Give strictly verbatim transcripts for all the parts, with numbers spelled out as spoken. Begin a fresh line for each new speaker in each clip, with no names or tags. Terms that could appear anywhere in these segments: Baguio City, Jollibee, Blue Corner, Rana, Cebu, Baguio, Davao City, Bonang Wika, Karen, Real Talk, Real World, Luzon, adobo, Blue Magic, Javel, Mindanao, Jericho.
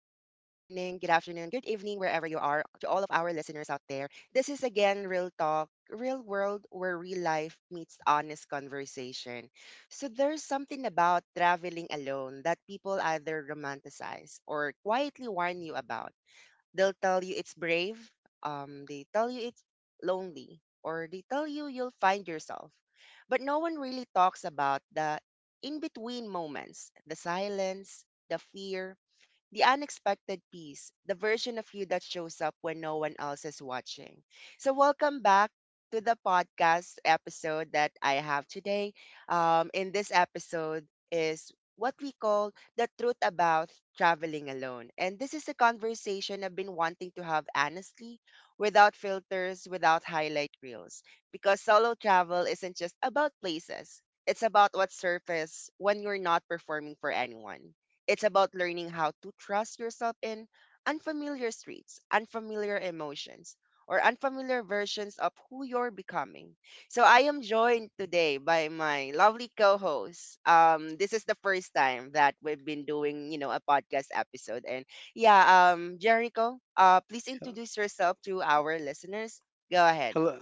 good evening, wherever you are, to all of our listeners out there. This is again Real Talk, Real World, where real life meets honest conversation. So there's something about traveling alone that people either romanticize or quietly warn you about. They'll tell you it's brave. Um, they tell you it's lonely, or they tell you you'll find yourself. But no one really talks about the in between moments, the silence, the fear, the unexpected piece, the version of you that shows up when no one else is watching. So, welcome back to the podcast episode that I have today. Um, in this episode is what we call the truth about traveling alone. And this is a conversation I've been wanting to have honestly, without filters, without highlight reels. Because solo travel isn't just about places, it's about what surface when you're not performing for anyone. It's about learning how to trust yourself in unfamiliar streets, unfamiliar emotions, or unfamiliar versions of who you're becoming. So I am joined today by my lovely co-host. Um, this is the first time that we've been doing, you know, a podcast episode. And yeah, um, Jericho, uh, please introduce yourself to our listeners. Go ahead.
Hello.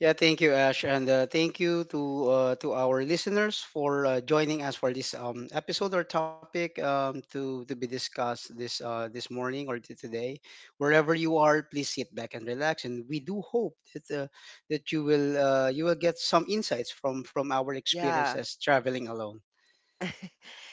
Yeah, thank you, Ash, and uh, thank you to uh, to our listeners for uh, joining us for this um, episode or topic um, to to be discussed this uh, this morning or t- today. Wherever you are, please sit back and relax. And we do hope that uh, that you will uh, you will get some insights from from our
Yeah.
experiences traveling alone.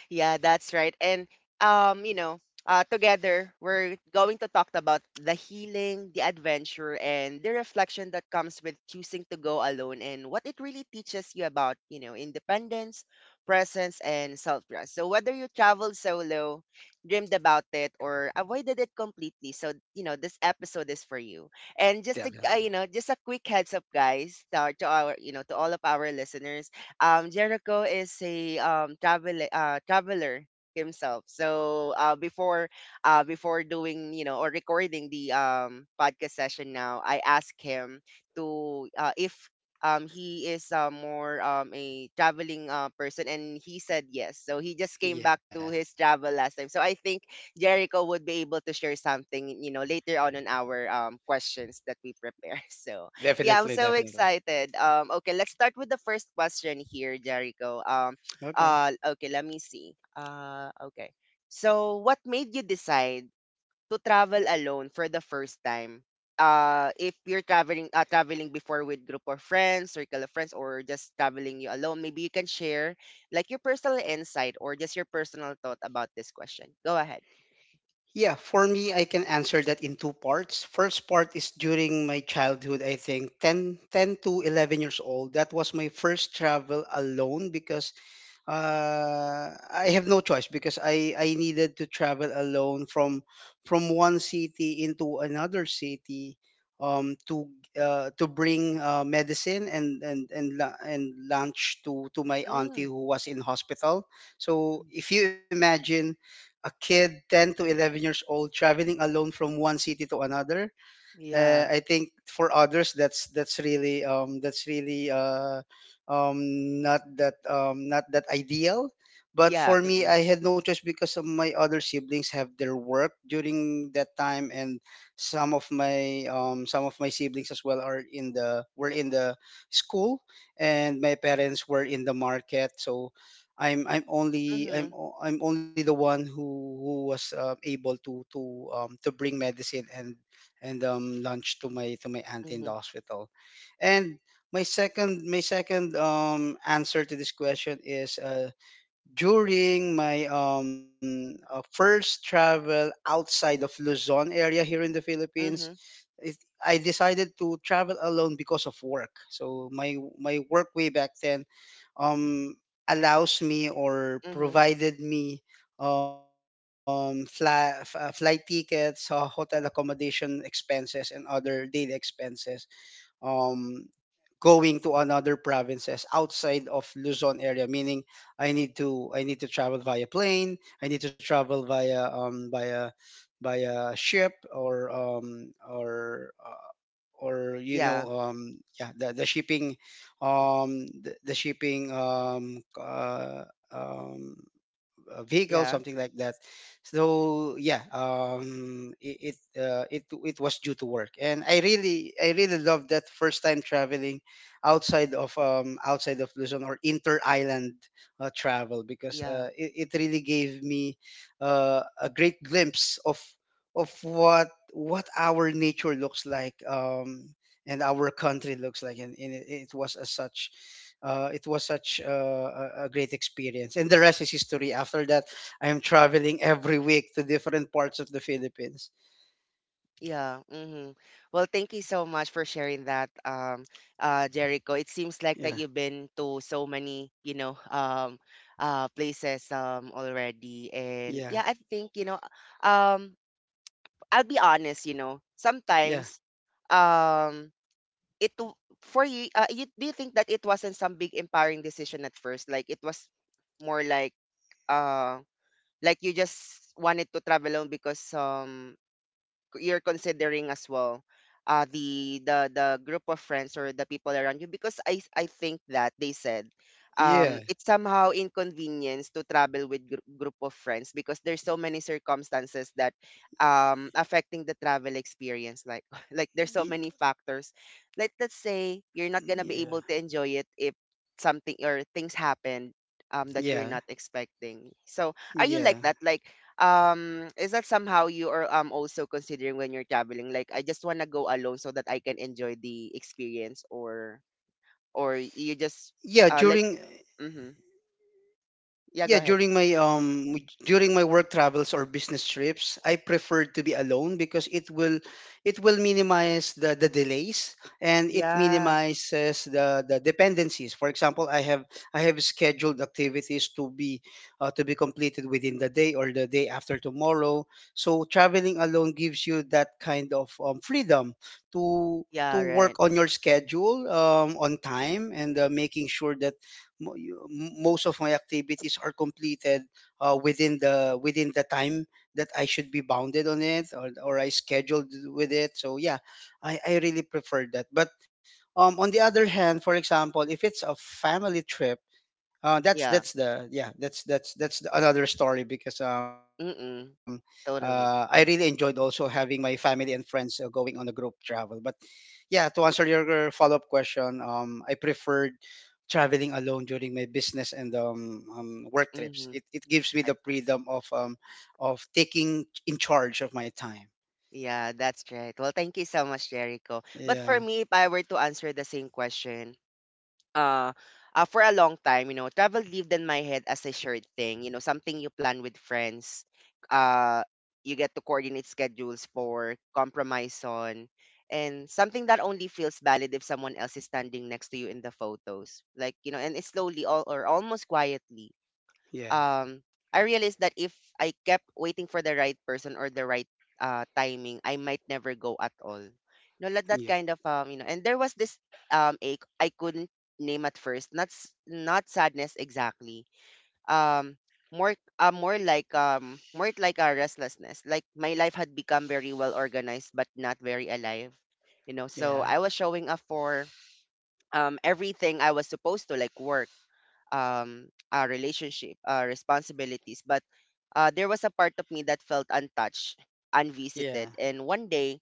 Yeah, that's right. And um, you know, uh, together we're going to talk about the healing, the adventure, and the reflection that comes with choosing to go alone, and what it really teaches you about, you know, independence, presence, and self-trust. So whether you traveled solo, dreamed about it, or avoided it completely, so you know this episode is for you. And just to, uh,
Definitely.
you know, just a quick heads up, guys, to, our, to our, you know, to all of our listeners um, Jericho is a um, travel uh, traveler himself. So uh, before uh, before doing you know or recording the um, podcast session now, I asked him to uh, if um, he is uh, more um, a traveling uh, person, and he said yes. So he just came back
Yeah.
to his travel last time. So I think Jericho would be able to share something you know later on in our um, questions that we prepare. So yeah, I'm
Definitely.
so
Definitely.
excited. Um, okay, let's start with the first question here, Jericho. Um,
Okay.
uh, okay, let me see. Uh, okay. So, what made you decide to travel alone for the first time? Uh, if you're traveling, uh, traveling before with group of friends, circle of friends, or just traveling you alone, maybe you can share like your personal insight or just your personal thought about this question. Go ahead.
Yeah, for me, I can answer that in two parts. First part is during my childhood, I think ten, ten to eleven years old. That was my first travel alone because uh, I have no choice because I, I needed to travel alone from from one city into another city um, to uh, to bring uh, medicine and and and lu- and lunch to to my
Mm,
auntie who was in hospital.
mm,
So if you imagine a kid ten to eleven years old traveling alone from one city to another, uh,
yeah.
I think for others that's that's really um, that's really uh, um, not that um, not that ideal. But
Yeah.
for me,
Mm-mm.
I had no choice because of my other siblings have their work during that time, and some of my um, some of my siblings as well are in the were in the school, and my parents were in the market. So I'm I'm only I'm
Mm-hmm.
o- I'm only the one who who was uh, able to to um, to bring medicine and and um, lunch to my to my auntie in the
Mm-hmm.
hospital. And my second my second um, answer to this question is uh, during my um, uh, first travel outside of Luzon area here in the Philippines.
Mm-hmm.
It, I decided to travel alone because of work. So my my work way back then um, allows me or
Mm-hmm.
provided me um, fly, f- uh, flight tickets, uh, hotel accommodation expenses, and other daily expenses um, going to another provinces outside of Luzon area. Meaning, I need to I need to travel via plane. I need to travel via um, via via ship or um, or uh, or you
Yeah.
know um yeah the, the shipping um the, the shipping um uh, um uh, vehicle,
Yeah.
something like that. So yeah, um, it it, uh, it it was due to work, and I really I really love that first time traveling outside of um, outside of Luzon or inter island uh, travel because
Yeah,
uh, it, it really gave me uh, a great glimpse of of what what our nature looks like um, and our country looks like, and, and it, it was as such uh, it was such a, a a great experience. And the rest is history. After that, I am traveling every week to different parts of the Philippines.
yeah. hmm Well, thank you so much for sharing that, um, uh, Jericho. It seems like that
Yeah,
you've been to so many, you know, um, uh, places um already, and yeah,
yeah,
I think you know, um, I'll be honest, you know,
yeah,
sometimes, um, it w- for you, uh, you do you think that it wasn't some big empowering decision at first? Like it was more like, uh, like you just wanted to travel alone because um you're considering as well uh the the the group of friends or the people around you because I I think that they said um
yeah,
it's somehow inconvenience to travel with gr- group of friends because there's so many circumstances that um affecting the travel experience like like there's so
y-
many factors like let's say you're not gonna
yeah,
be able to enjoy it if something or things happen um that you're
yeah,
not expecting. So are you like
yeah.
that, like um is that somehow you are um also considering when you're traveling, like I just want to go alone so that I can enjoy the experience, or or
Yeah,
you
during
just uh like mm-hmm.
Yeah, during my
yeah go ahead
um during my work travels or business trips, I prefer to be alone because it will it will minimize the, the delays and it
yeah
minimizes the, the dependencies. For example, I have I have scheduled activities to be uh, to be completed within the day or the day after tomorrow. So traveling alone gives you that kind of um, freedom to to
yeah right
work on your schedule um, on time and uh, making sure that mo- you- m- most of my activities are completed uh, within the within the time that I should be bounded on it or, or I scheduled with it. So yeah, I, I really prefer that. But um, on the other hand, for example, if it's a family trip, uh, that's
yeah
that's the yeah that's that's that's the- another story because um
mm-mm
uh, I really
totally
enjoyed also having my family and friends uh, going on a group travel. But yeah, to answer your follow up question, um, I preferred traveling alone during my business and um, um, work trips.
mm-hmm
It it gives me
I
the
see
freedom of um of taking in charge of my time.
yeah that's right. Well, thank you so much, Jericho. But for
Yeah,
me, if I were to answer the same question, uh, uh, for a long time, you know, travel lived in my head as a shared thing, you know, something you plan with friends. Uh, you get to coordinate schedules for, compromise on, and something that only feels valid if someone else is standing next to you in the photos. Like, you know, and it's slowly all, or almost quietly
yeah,
um, I realized that if I kept waiting for the right person or the right uh, timing, I might never go at all. You know, like that
yep,
kind of um, you know. And there was this um ache I couldn't name at first. Not s- not sadness exactly. Um, more uh, More like um more like a restlessness. Like my life had become very well organized, but not very alive. You know, so
yeah,
I was showing up for um everything I was supposed to, like work, um, uh, relationship, uh, responsibilities. But uh, there was a part of me that felt untouched,
yeah,
unvisited. And one day,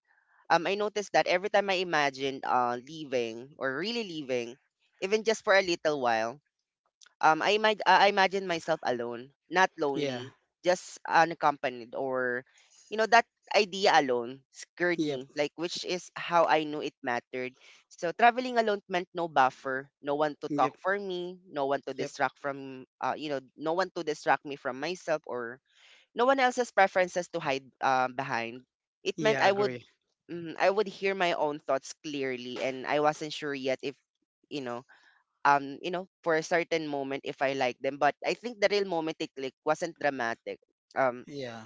um, I noticed that every time I imagined uh, leaving or really leaving, even just for a little while, um, I imag- uh, I imagine myself alone, not
yeah,
lonely, just unaccompanied or you know that idea alone scared me,
yep,
like which is how I knew it mattered. So traveling alone meant no buffer, no one to talk
yep,
for me, no one to
yep.
distract from uh, you know, no one to distract me from myself or no one else's preferences to hide uh, behind. It meant
Yeah,
I would
agree.
mm, I would hear my own thoughts clearly, and I wasn't sure yet if you know um you know for a certain moment if I like them. But I think the real moment they click wasn't dramatic. um
Yeah,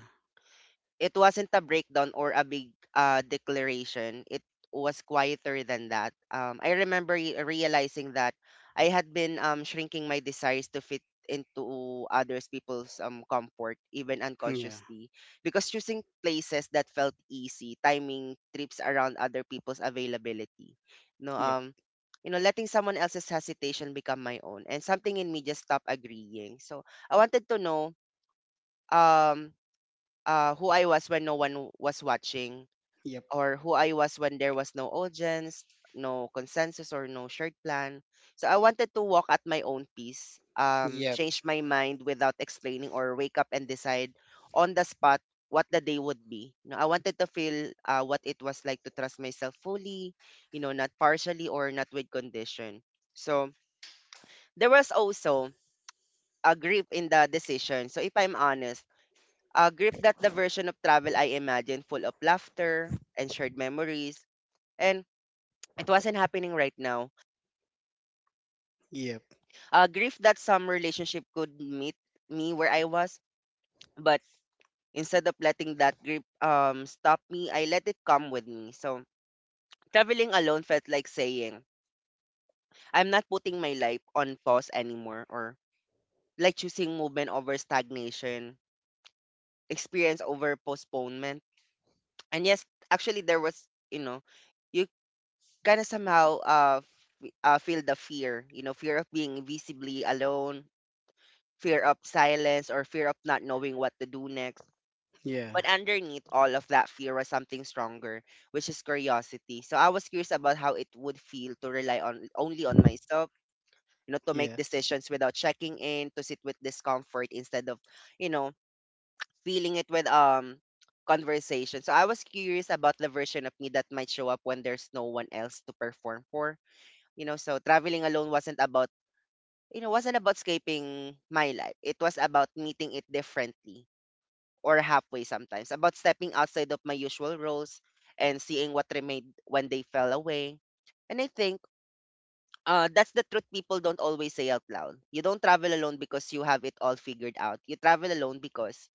it wasn't a breakdown or a big uh, declaration. It was quieter than that. Um, I remember re- realizing that I had been um, shrinking my desires to fit into others people's um, comfort, even
yeah,
unconsciously, because choosing places that felt easy, timing trips around other people's availability, no,
yep.
um, you know, letting someone else's hesitation become my own, and something in me just stopped agreeing. So I wanted to know. Um, uh, who I was when no one was watching,
Yep.
or who I was when there was no audience, no consensus, or no shared plan. So I wanted to walk at my own pace, um,
Yep.
change my mind without explaining, or wake up and decide on the spot what the day would be. You know, I wanted to feel uh, what it was like to trust myself fully, you know, not partially or not with condition. So there was also a grief in the decision. So if I'm honest, a grip that the version of travel I imagined full of laughter and shared memories. And it wasn't happening right now.
Yep.
A grief that some relationship could meet me where I was, but instead of letting that grip um stop me, I let it come with me. So traveling alone felt like saying, I'm not putting my life on pause anymore, or like choosing movement over stagnation, experience over postponement. And yes, actually there was, you know, you kind of somehow uh, f- uh feel the fear, you know, fear of being visibly alone, fear of silence, or fear of not knowing what to do next.
Yeah.
But underneath all of that fear was something stronger, which is curiosity. So I was curious about how it would feel to rely on only on myself, you know, to make
Yeah.
decisions without checking in, to sit with discomfort instead of you know feeling it with um conversation. So I was curious about the version of me that might show up when there's no one else to perform for, you know, so traveling alone wasn't about, you know, wasn't about escaping my life. It was about meeting it differently or halfway sometimes, about stepping outside of my usual roles and seeing what remained when they fell away. And I think uh, that's the truth people don't always say out loud. You don't travel alone because you have it all figured out. You travel alone because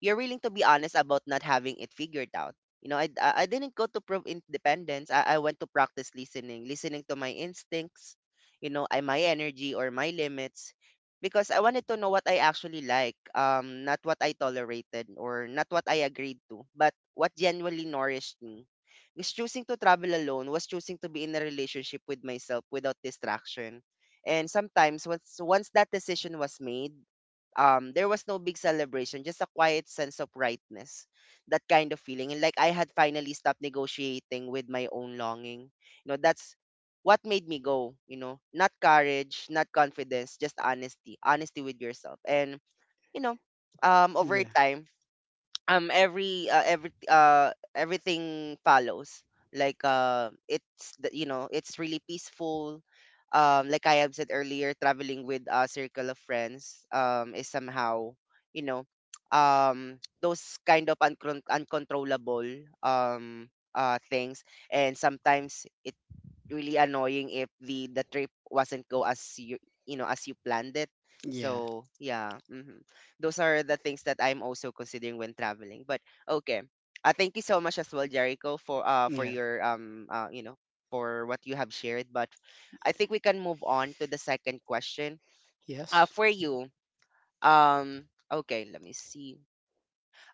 you're willing to be honest about not having it figured out. You know, I I I didn't go to prove independence. I, I went to practice listening, listening to my instincts, you know, I my energy or my limits, because I wanted to know what I actually like, um, not what I tolerated or not what I agreed to, but what genuinely nourished me. Because choosing to travel alone was choosing to be in a relationship with myself without distraction. And sometimes once once that decision was made, um there was no big celebration, just a quiet sense of rightness, that kind of feeling, and like I had finally stopped negotiating with my own longing. You know that's what made me go, you know not courage, not confidence, just honesty, honesty with yourself. And you know um over
Yeah.
time, um every uh, every uh everything follows. like uh it's the- you know it's really peaceful. Um like I have said earlier, traveling with a circle of friends um is somehow, you know um those kind of uncon- uncontrollable um uh things. And sometimes it really annoying if the the trip wasn't go as you, you know as you planned it.
Yeah.
So yeah. Hmm. Those are the things that I'm also considering when traveling, but okay. Uh, thank you so much as well, Jericho, for uh for
Yeah.
your um uh, you know for what you have shared. But I think we can move on to the second question, uh
Yes.
for you. Um okay, let me see.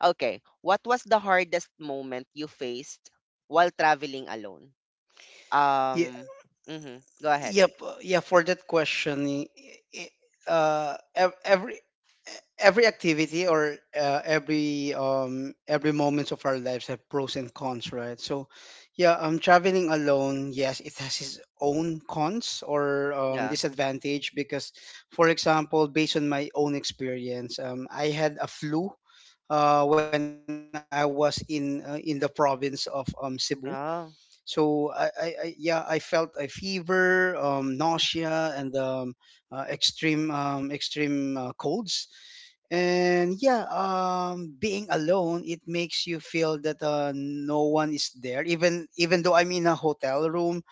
Okay, what was the hardest moment you faced while traveling alone? um mm-hmm. Go ahead.
Yep. uh, Yeah. For that question, i- i- uh, ev- every every activity or uh, every um every moments of our lives have pros and cons, right? So, yeah, um, traveling alone, yes, it has its own cons or um,
Yeah.
disadvantage because, for example, based on my own experience, um, I had a flu. Uh, when I was in uh, in the province of um, Cebu,
Oh,
so I, I, I yeah, I felt a fever, um, nausea, and um, uh, extreme um, extreme uh, colds. And yeah, um, being alone, it makes you feel that uh, no one is there. Even even though I'm in a hotel room,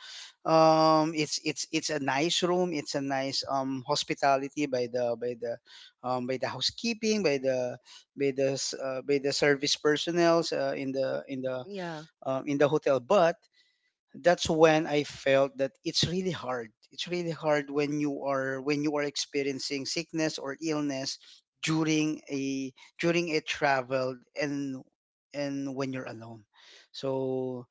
um, it's it's it's a nice room. It's a nice um, hospitality by the by the um, by the housekeeping, by the by the s- uh, by the service personnel uh, in the in the
yeah.
um, in the hotel, but that's when I felt that it's really hard. It's really hard when you are when you are experiencing sickness or illness during a during a travel and and when you're alone. So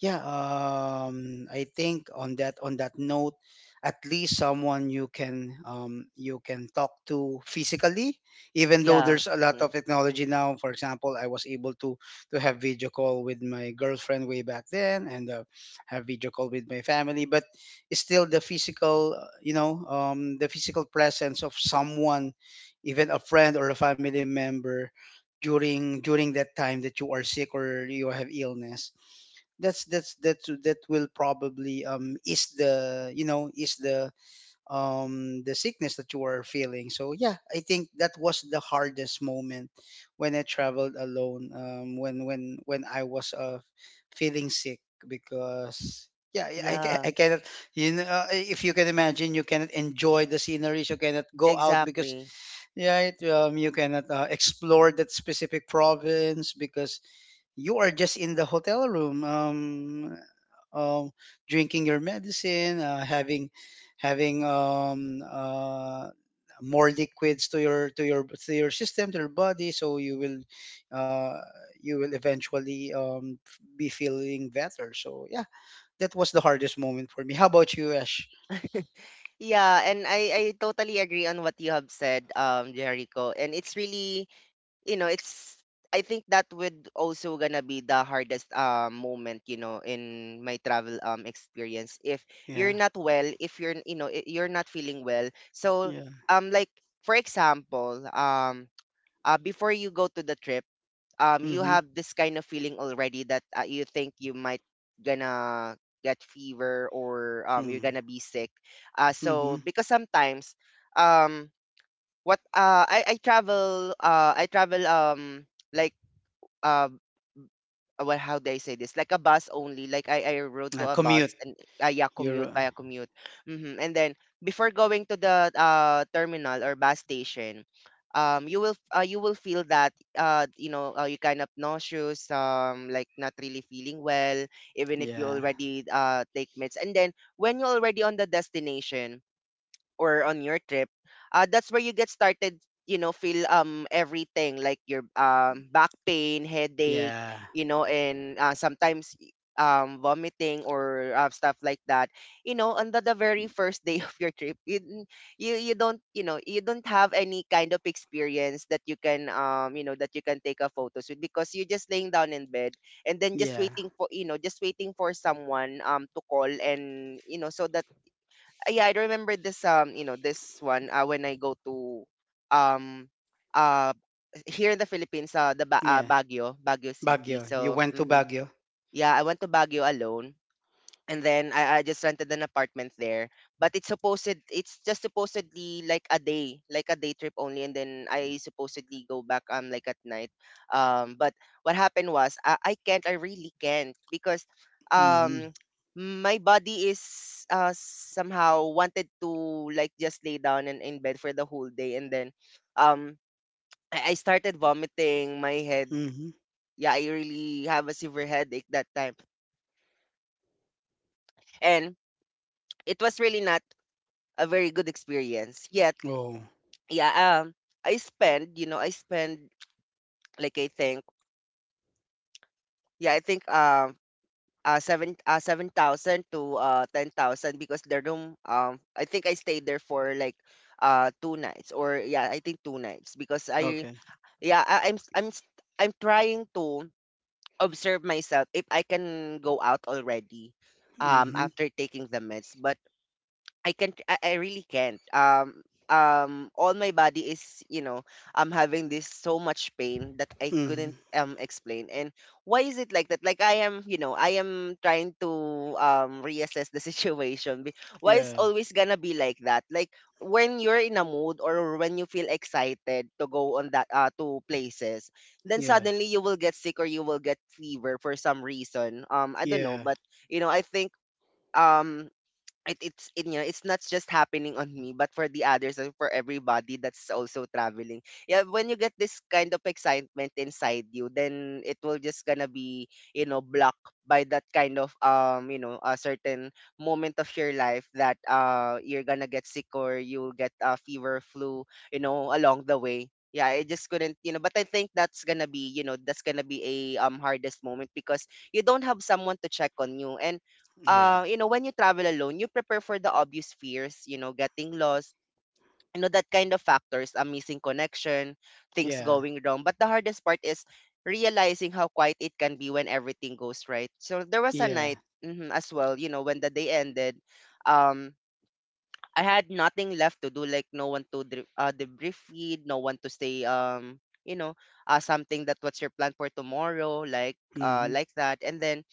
yeah, um, I think on that on that note, at least someone you can um, you can talk to physically, even though
Yeah.
there's a lot of
Hmm.
technology now. For example, I was able to to have video call with my girlfriend way back then, and uh, have video call with my family. But it's still the physical, uh, you know, um, the physical presence of someone, even a friend or a family member, during during that time that you are sick or you have illness that's that's that's that will probably um ease the you know ease the um the sickness that you are feeling. So yeah, I think that was the hardest moment when I traveled alone, um when when when i was uh feeling sick because yeah i, I
Yeah.
I cannot, you know uh, if you can imagine, you cannot enjoy the sceneries, you cannot go out because
Exactly.
yeah, um, you cannot uh, explore that specific province because you are just in the hotel room um, um, drinking your medicine, uh, having having um, uh, more liquids to your to your to your system to your body, so you will uh, you will eventually um, f- be feeling better. So yeah, that was the hardest moment for me. How about you, Ash?
Yeah, and I I totally agree on what you have said, um, Jericho. And it's really, you know, it's I think that would also gonna be the hardest um moment, you know, in my travel um experience. If
Yeah,
you're not well, if you're you know I- you're not feeling well. So
yeah.
um like for example, um uh, before you go to the trip, um you
Mhm,
have this kind of feeling already that uh, you think you might gonna get fever, or um you're
mm,
gonna be sick. Uh so
mhm.
because sometimes um what uh I I travel uh I travel um like uh uh, well, how do I say this? Like a bus only. Like I, I rode to
Uh,
a bus
commute.
and uh, yeah, commute
You're.
via commute. Hmm. And then before going to the uh, terminal or bus station, um, you will uh, you will feel that uh, you know uh, you kind of nauseous, um, like not really feeling well, even if you
Yeah,
already uh, take meds. And then when you're already on the destination or on your trip, uh, that's where you get started, you know, feel um everything like your um back pain, headache,
yeah,
you know. And uh, sometimes y- um vomiting or uh, stuff like that. You know, on the, the very first day of your trip, you, n- you you don't, you know you don't have any kind of experience that you can um you know that you can take a photos with, because you're just laying down in bed and then just
yeah,
waiting for, you know just waiting for someone um to call, and you know. So that uh, yeah, I remember this um, you know, this one uh, when I go to um uh here in the Philippines, uh the ba- uh,
yeah.
Baguio, Baguio City.
Baguio. You
So,
went to
mhm.
Baguio.
Yeah, I went to Baguio alone, and then I, I just rented an apartment there. But it's supposed it's just supposedly like a day, like a day trip only, and then I supposedly go back um like at night. Um but what happened was I, I can't, I really can't, because
Mhm,
um my body is uh somehow wanted to like just lay down and in bed for the whole day. And then um I, I started vomiting my head.
mhm.
Yeah, I really have a severe headache that time. And it was really not a very good experience. Yet,
Oh,
yeah, um, I spend, you know, I spend like I think, yeah, I think um, uh, seven, uh, seven thousand to uh, ten thousand because the room, um, I think I stayed there for like uh two nights, or yeah, I think two nights. Because I,
okay.
yeah, I, I'm, s- I'm, s- I'm trying to observe myself if I can go out already, um,
Mhm,
after taking the meds. But I can't I, I really can't. Um um all my body is, you know, I'm having this so much pain that I couldn't
mhm.
um explain. And why is it like that? Like I am, you know, I am trying to um reassess the situation. Be- Why is
Yeah,
always gonna be like that? Like when you're in a mood, or when you feel excited to go on that uh to places, then
yeah,
suddenly you will get sick or you will get fever for some reason. Um I don't know.
yeah,
But you know, I think um it, it's it, you know, it's not just happening on me but for the others, and for everybody that's also traveling. Yeah, when you get this kind of excitement inside you, then it will just gonna be, you know, blocked by that kind of um you know a certain moment of your life, that uh you're gonna get sick, or you'll get a fever, flu, you know, along the way. Yeah, I just couldn't, you know. But I think that's gonna be, you know that's gonna be a um hardest moment, because you don't have someone to check on you. And
yeah,
uh, you know, when you travel alone, you prepare for the obvious fears, you know, getting lost, you know, that kind of factors, a missing connection, things
yeah,
going wrong. But the hardest part is realizing how quiet it can be when everything goes right. So there was a
yeah.
night, mhm, as well, you know, when the day ended, um, I had nothing left to do, like no one to dri- uh, debrief feed, no one to say, um, you know, uh, something that what's your plan for tomorrow, like uh,
Mhm.
like that. And then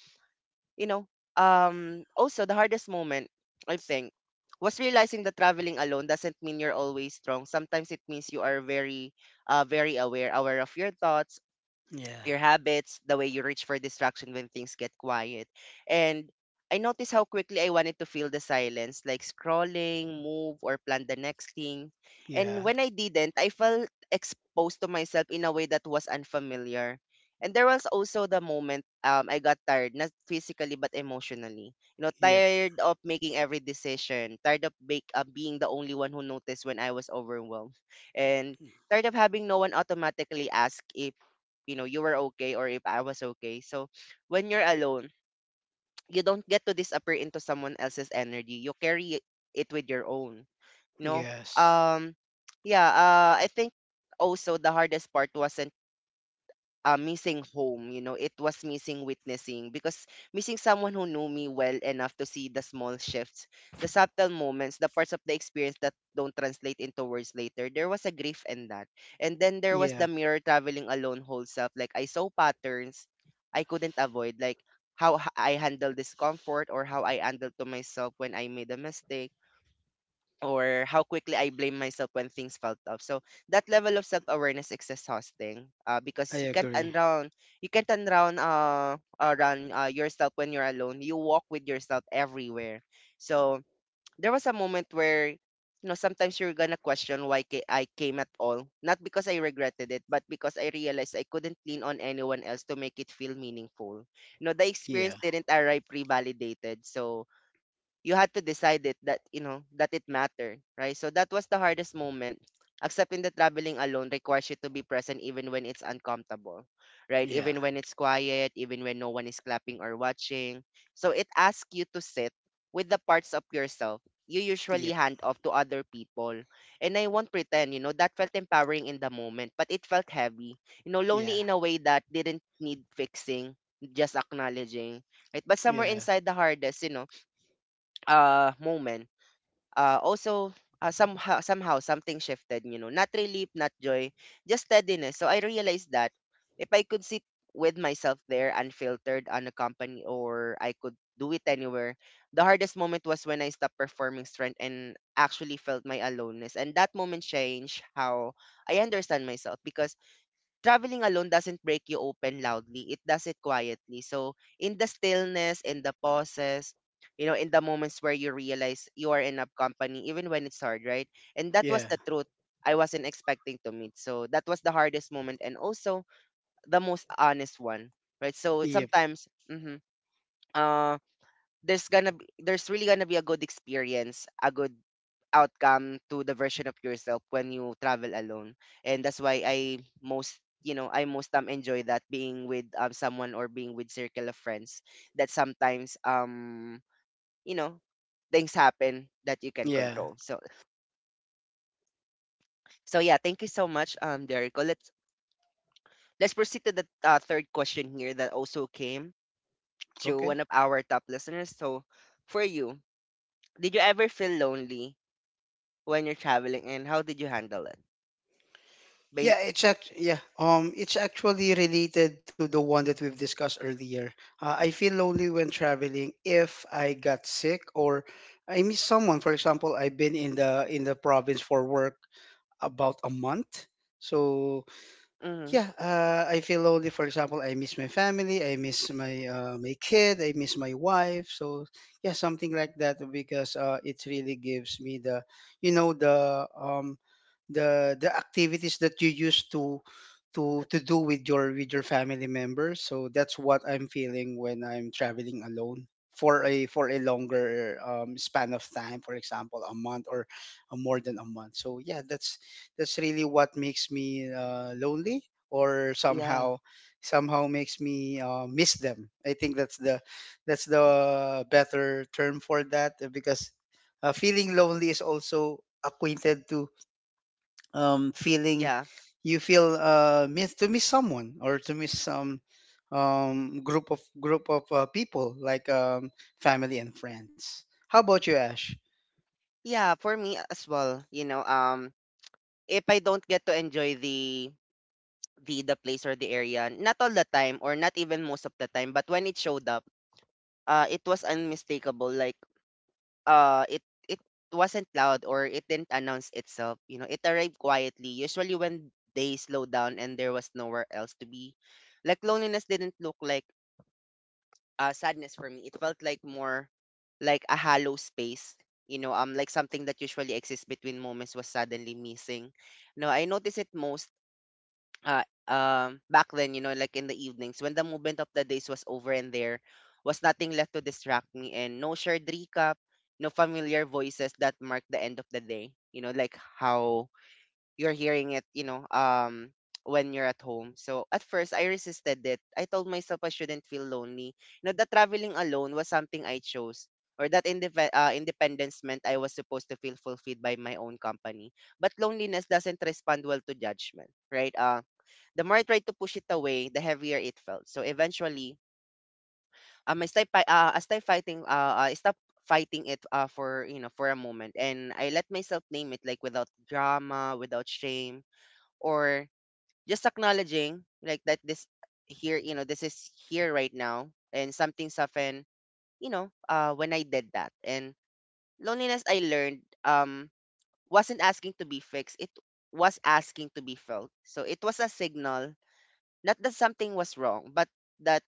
you know, um, also the hardest moment, I think, was realizing that traveling alone doesn't mean you're always strong. Sometimes it means you are very, uh, very aware, aware of your thoughts,
Yeah,
your habits, the way you reach for distraction when things get quiet. And I noticed how quickly I wanted to feel the silence, like scrolling, move, or plan the next thing. And
yeah.
when I didn't, I felt exposed to myself in a way that was unfamiliar. And there was also the moment um, I got tired, not physically but emotionally. You know,
Yep.
tired of making every decision, tired of make, uh, being the only one who noticed when I was overwhelmed, and tired of having no one automatically ask if, you know, you were okay, or if I was okay. So when you're alone, you don't get to disappear into someone else's energy. You carry it with your own. You know,
Yes.
um, yeah. Uh, I think also the hardest part wasn't uh, missing home. You know, it was missing witnessing, because missing someone who knew me well enough to see the small shifts, the subtle moments, the parts of the experience that don't translate into words later. There was a grief in that. And then there was
Yeah,
the mirror traveling alone whole self. Like I saw patterns I couldn't avoid, like how h- I handle discomfort, or how I handled to myself when I made a mistake, or how quickly I blame myself when things felt off. So that level of self awareness is exhausting, uh, because
I
you can't
agree.
unround you can't unround uh around uh, yourself when you're alone. You walk with yourself everywhere. So there was a moment where, you know, sometimes you're gonna question why ca- I came at all, not because I regretted it, but because I realized I couldn't lean on anyone else to make it feel meaningful. You know, the
Yeah.
experience didn't arrive pre-validated, so you had to decide it that, you know, that it mattered, right? So that was the hardest moment, accepting that traveling alone requires you to be present even when it's uncomfortable, right,
Yeah.
even when it's quiet, even when no one is clapping or watching. So it asks you to sit with the parts of yourself you usually
Yep.
hand off to other people. And I won't pretend, you know, that felt empowering in the moment, but it felt heavy, you know,
Yeah.
lonely in a way that didn't need fixing, just acknowledging, right? But somewhere
Yeah.
inside the hardest, you know uh moment, uh also uh, somehow, somehow something shifted, you know, not relief, not joy, just steadiness. So I realized that if I could sit with myself there unfiltered, unaccompanied, or I could do it anywhere. The hardest moment was when I stopped performing strength and actually felt my aloneness, and that moment changed how I understand myself. Because traveling alone doesn't break you open loudly. It does it quietly. So in the stillness, in the pauses, you know, in the moments where you realize you are in a company, even when it's hard, right? And that was
Yeah.
the truth I wasn't expecting to meet. So that was the hardest moment, and also the most honest one, right? So
Yep.
sometimes, mm-hmm, uh, there's gonna be, there's really gonna be a good experience, a good outcome to the version of yourself when you travel alone. And that's why I most you know I most um enjoy that being with um someone or being with circle of friends that sometimes um you know things happen that you can
Yeah.
control. So so yeah, thank you so much um Derico. Let's let's proceed to the uh, third question here that also came to
Okay.
one of our top listeners. So for you, did you ever feel lonely when you're traveling and how did you handle it? Ba-
Yeah, it's act yeah. Um, it's actually related to the one that we've discussed earlier. Uh, I feel lonely when traveling if I got sick or I miss someone. For example, I've been in the in the province for work about a month, so
hmm
yeah, uh, I feel lonely. For example, I miss my family, I miss my uh, my kid, I miss my wife. So yeah, something like that because uh, it really gives me the, you know, the um, the the activities that you used to to to do with your with your family members. So that's what I'm feeling when I'm traveling alone for a for a longer um, span of time. For example, a month or uh, more than a month. So yeah, that's that's really what makes me uh, lonely or
yeah,
somehow somehow makes me uh, miss them. I think that's the that's the better term for that uh, because uh, feeling lonely is also acquainted to um, feeling
yeah,
you feel uh, miss to miss someone or to miss some um, group of group of uh, people like um, family and friends. How about you, Ash?
yeah. For me as well, you know, um, if I don't get to enjoy the the the place or the area, not all the time or not even most of the time, but when it showed up, uh, it was unmistakable. Like, uh, it it wasn't loud, or it didn't announce itself. You know, it arrived quietly. Usually when they slow down and there was nowhere else to be, like loneliness didn't look like uh, sadness for me. It felt like more like a hollow space. You know, um, like something that usually exists between moments was suddenly missing. No, I noticed it most uh, um, back then, you know, like in the evenings when the movement of the days was over and there was nothing left to distract me and no shared recap, no familiar voices that marked the end of the day. You know, like how you're hearing it, you know, um, when you're at home. So at first, I resisted it. I told myself I shouldn't feel lonely. You know, that traveling alone was something I chose, or that indep- uh, independence meant I was supposed to feel fulfilled by my own company. But loneliness doesn't respond well to judgment, right? Uh, the more I tried to push it away, the heavier it felt. So eventually, um, I stopped, fi- uh, I stopped fighting. Uh, I stopped fighting it uh, for you know for a moment, and I let myself name it, like without drama, without shame, or just acknowledging like that this here, you know, this is here right now. And something softened, you know, uh when I did that. And loneliness, I learned, um wasn't asking to be fixed, it was asking to be felt. So it was a signal, not that something was wrong, but that,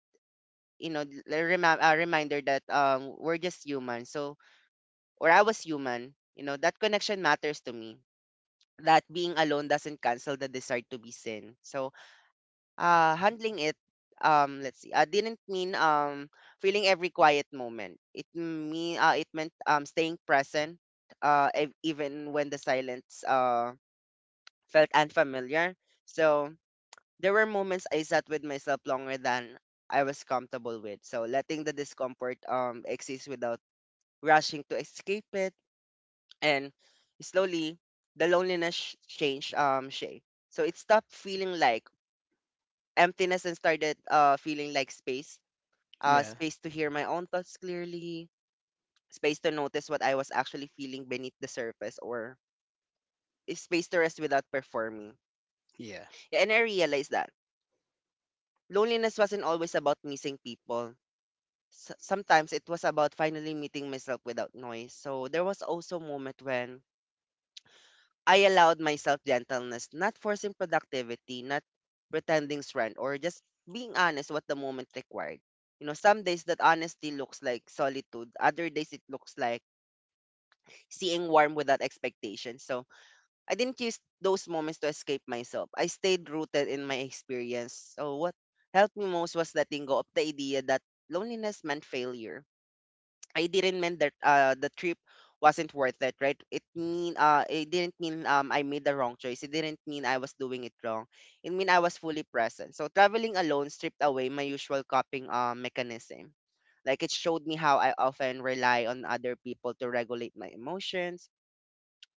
you know, a remi- a reminder that um we're just human. So, or I was human, you know, that connection matters to me, that being alone doesn't cancel the desire to be seen. So uh, handling it, um, let's see, uh, didn't mean um, feeling every quiet moment. It me uh, it meant um, staying present, uh, ev- even when the silence uh, felt unfamiliar. So there were moments I sat with myself longer than I was comfortable with. So letting the discomfort um, exist without rushing to escape it, and slowly the loneliness sh- changed um shape. So it stopped feeling like emptiness and started uh feeling like space, uh,
Yeah,
space to hear my own thoughts clearly, space to notice what I was actually feeling beneath the surface, or a space to rest without performing.
yeah,
Yeah, and I realized that loneliness wasn't always about missing people. S- sometimes it was about finally meeting myself without noise. So there was also a moment when I allowed myself gentleness, not forcing productivity, not pretending strength, or just being honest what the moment required. You know, some days that honesty looks like solitude. Other days it looks like seeing warm without expectation. So I didn't use those moments to escape myself. I stayed rooted in my experience. So what helped me most was letting go of the idea that loneliness meant failure. I didn't mean that uh, the trip wasn't worth it, right? It mean uh it didn't mean um I made the wrong choice. It didn't mean I was doing it wrong. It mean I was fully present. So traveling alone stripped away my usual coping uh, mechanism, like it showed me how I often rely on other people to regulate my emotions,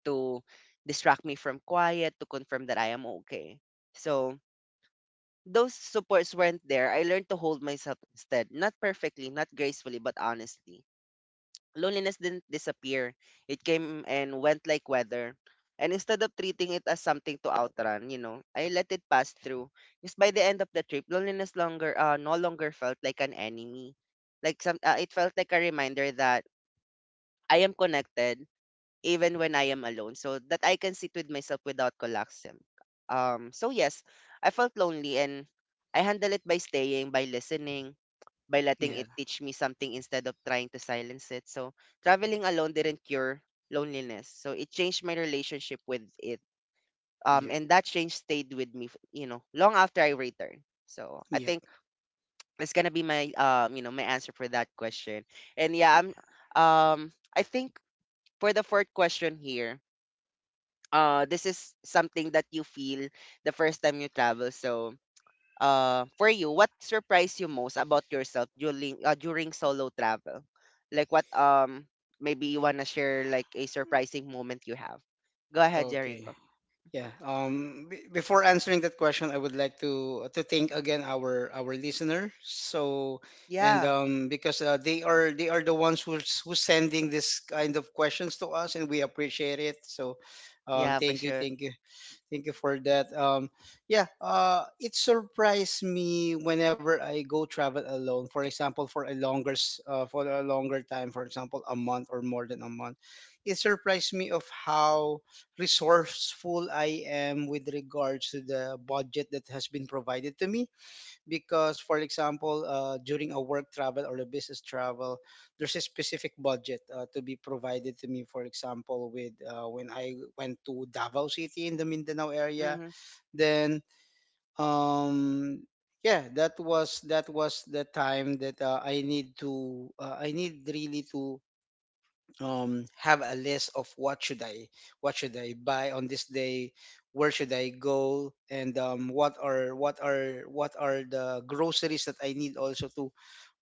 to distract me from quiet, to confirm that I am okay. So those supports weren't there. I learned to hold myself instead, not perfectly, not gracefully, but honestly. Loneliness didn't disappear. It came and went like weather. And instead of treating it as something to outrun, you know, I let it pass through. Because by the end of the trip, loneliness longer uh, no longer felt like an enemy. Like some, uh, it felt like a reminder that I am connected even when I am alone, so that I can sit with myself without collapsing. Um, so yes, I felt lonely, and I handle it by staying, by listening, by letting
yeah,
it teach me something instead of trying to silence it. So traveling alone didn't cure loneliness. So it changed my relationship with it. Um,
yep,
and that change stayed with me, f- you know, long after I returned. So I
yep.
think it's gonna be my um, you know, my answer for that question. And yeah, I'm um I think for the fourth question here, uh this is something that you feel the first time you travel. So uh for you, what surprised you most about yourself during uh, during solo travel? Like what, um maybe you want to share like a surprising moment you have. Go ahead,
Okay.
Jericho.
Yeah. Um. b- Before answering that question, I would like to to thank again our our listener. So, and
Yeah,
um, because uh, they are they are the ones who's who's sending this kind of questions to us, and we appreciate it. So, um,
yeah, for
thank you,
sure.
thank you. Thank you for that. Um, yeah, uh, it surprised me whenever I go travel alone. For example, for a longer, s- uh, for a longer time. For example, a month or more than a month. It surprised me of how resourceful I am with regards to the budget that has been provided to me, because, for example, uh, during a work travel or a business travel, there's a specific budget uh, to be provided to me. For example, with uh, when I went to Davao City in the Mindanao area,
Mm-hmm,
then um yeah, that was — that was the time that uh, I need to — uh, I need really to um have a list of what should I — what should i buy on this day, where should I go, and um what are what are what are the groceries that I need also to,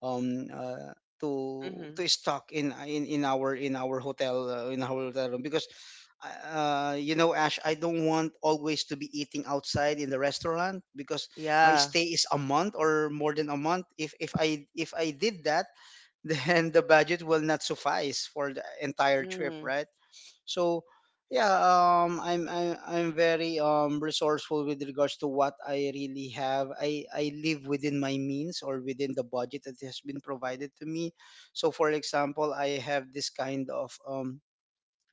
um uh, to
mm-hmm.
to stock in in in our in our hotel, uh, in our hotel room. Because uh you know, Ash, I don't want always to be eating outside in the restaurant, because my
Yeah.
stay is a month or more than a month. If if i if i did that, then the budget will not suffice for the entire trip,
Mm-hmm,
right? So, yeah, um, I'm I'm, I'm very um, resourceful with regards to what I really have. I I live within my means or within the budget that has been provided to me. So, for example, I have this kind of um,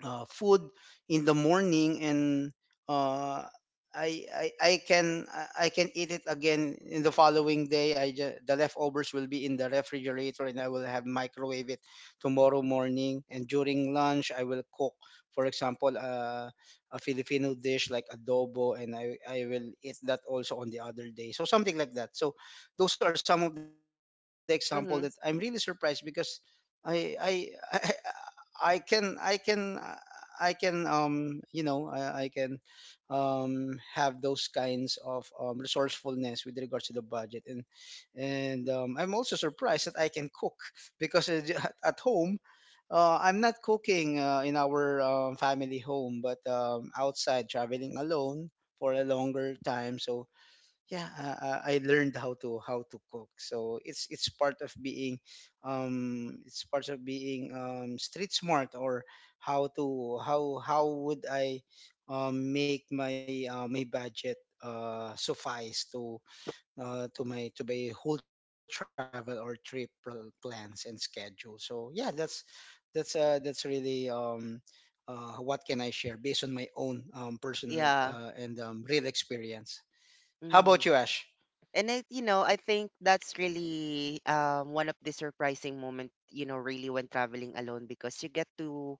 uh, food in the morning, and uh, I, I I can I I can eat it again in the following day. I ju- the leftovers will be in the refrigerator, and I will have microwave it tomorrow morning. And during lunch, I will cook, for example, uh, a Filipino dish like adobo, and I I will eat that also on the other day. So something like that. So those are some of the example that I'm really surprised,
mm-hmm.
because I I I I can I can uh, I can um you know I, I can um have those kinds of um, resourcefulness with regards to the budget. And and um, I'm also surprised that I can cook because uh, j- at at home, uh, I'm not cooking uh, in our um, family home, but um, outside, traveling alone for a longer time. So yeah, uh, uh, I learned how to — how to cook. So it's it's part of being — um it's part of being um street smart, or how to how how would I um make my uh, my budget uh suffice to — uh to my to my whole travel or trip — pl- plans and schedule. So yeah, that's that's uh that's really um uh what can I share based on my own um personal uh
Yeah.
and um real experience. How about
Mm.
you, Ash?
And I, you know, I think that's really um one of the surprising moment, you know, really when traveling alone, because you get to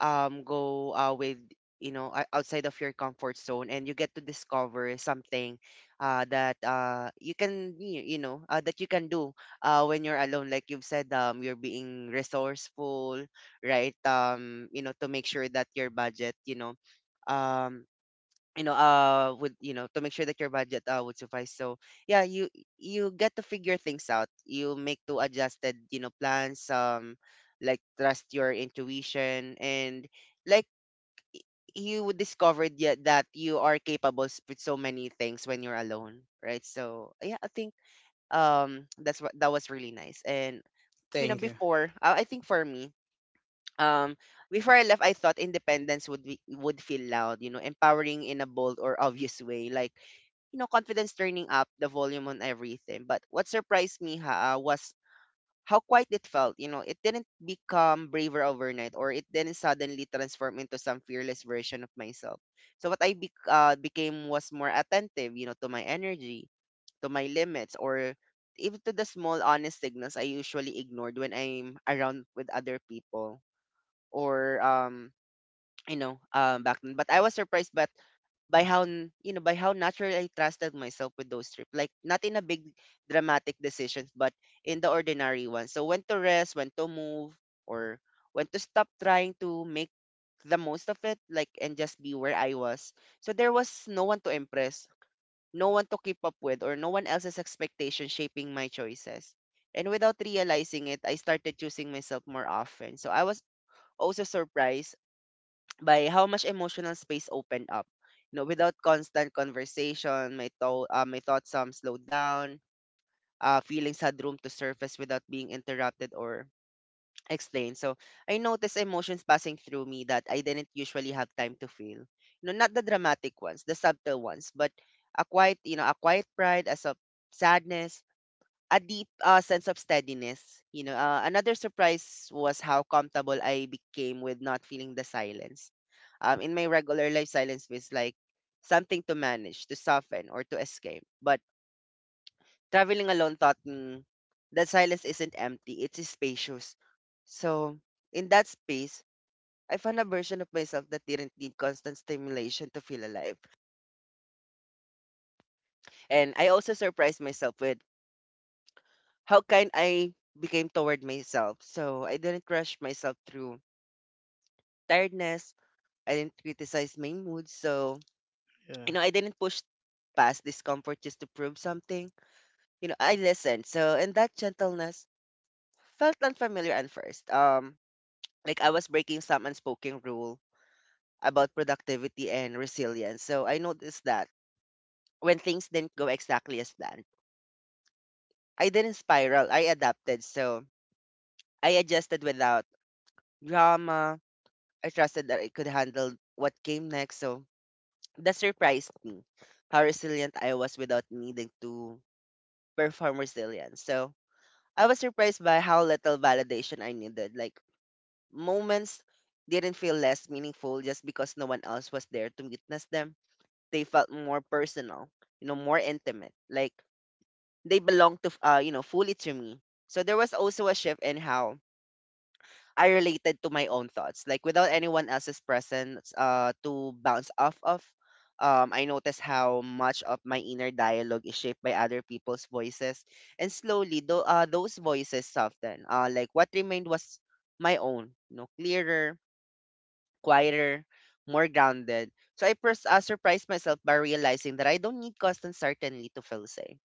um go uh, with, you know, o- outside of your comfort zone, and you get to discover something uh that uh you can, y- you know, uh, that you can do uh when you're alone. Like you've said, um you're being resourceful, right? Um you know, to make sure that your budget, you know, um you know, uh would, you know, to make sure that your budget uh would suffice. So yeah, you you get to figure things out, you make two adjusted, you know, plans, um like trust your intuition, and like you would discover, yeah, that you are capable, s- with so many things when you're alone, right? So yeah, I think um that's what, that was really nice. And you know,
Thank you.
before, uh, I think for me, um before I left, I thought independence would be would feel loud, you know, empowering in a bold or obvious way, like, you know, confidence turning up the volume on everything. But what surprised me ha, uh, was how quiet it felt. You know, it didn't become braver overnight, or it didn't suddenly transform into some fearless version of myself. So what I bec uh, became was more attentive, you know, to my energy, to my limits, or even to the small honest signals I usually ignored when I'm around with other people, or, um, you know, um, back then. But I was surprised by by how, n- you know, by how naturally I trusted myself with those trips. Like not in a big dramatic decisions, but in the ordinary ones. So when to rest, when to move, or when to stop trying to make the most of it, like, and just be where I was. So there was no one to impress, no one to keep up with, or no one else's expectation shaping my choices. And without realizing it, I started choosing myself more often. So I was also surprised by how much emotional space opened up. You know, without constant conversation, my thought, uh, my thoughts some slowed down. Uh, feelings had room to surface without being interrupted or explained. So I noticed emotions passing through me that I didn't usually have time to feel. You know, not the dramatic ones, the subtle ones, but a quiet, you know, a quiet pride, as of sadness, a deep uh, sense of steadiness. You know, uh, another surprise was how comfortable I became with not feeling the silence. Um, in my regular life, silence feels like something to manage, to soften, or to escape. But traveling alone taught me that silence isn't empty; it's spacious. So, in that space, I found a version of myself that didn't need constant stimulation to feel alive. And I also surprised myself with how kind I became toward myself. So, I didn't rush myself through tiredness. I didn't criticize my mood. So,
Yeah.
you know, I didn't push past discomfort just to prove something. You know, I listened. So, and that gentleness felt unfamiliar at first. Um, like I was breaking some unspoken rule about productivity and resilience. So I noticed that when things didn't go exactly as planned, I didn't spiral. I adapted. So I adjusted without drama. I trusted that I could handle what came next. So that surprised me, how resilient I was without needing to perform resilience. So I was surprised by how little validation I needed. Like moments didn't feel less meaningful just because no one else was there to witness them. They felt more personal, you know, more intimate. Like they belonged to, uh, you know, fully to me. So there was also a shift in how I related to my own thoughts. Like without anyone else's presence uh, to bounce off of, um, I noticed how much of my inner dialogue is shaped by other people's voices. And slowly, though, uh, those voices soften. Uh, like what remained was my own, you know, clearer, quieter, more grounded. So I pers- uh, surprised myself by realizing that I don't need constant certainty to feel safe,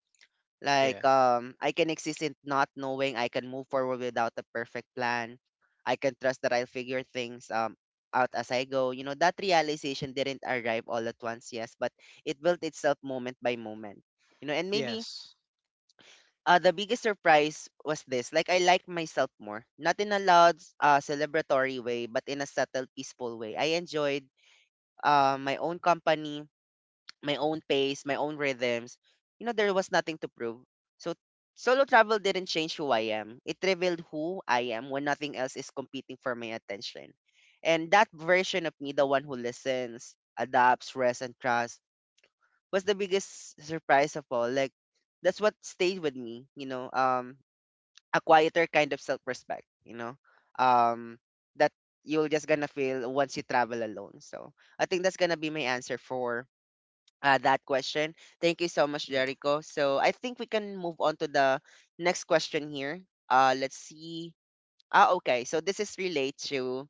Yeah.
like um I can exist in not knowing. I can move forward without a perfect plan. I can trust that I'll figure things um out as I go. You know, that realization didn't arrive all at once, yes, but it built itself moment by moment. You know, and maybe
Yes.
uh, the biggest surprise was this. Like I like myself more. Not in a loud, uh, celebratory way, but in a subtle, peaceful way. I enjoyed uh, my own company, my own pace, my own rhythms. You know, there was nothing to prove. So solo travel didn't change who I am. It revealed who I am when nothing else is competing for my attention. And that version of me, the one who listens, adapts, rests, and trusts, was the biggest surprise of all. Like that's what stayed with me, you know. Um a quieter kind of self respect, you know. Um that you're just gonna feel once you travel alone. So I think that's gonna be my answer for uh, that question. Thank you so much,
Yeah.
Jericho. So I think we can move on to the next question here. Uh, let's see. Ah, okay. So this is relate to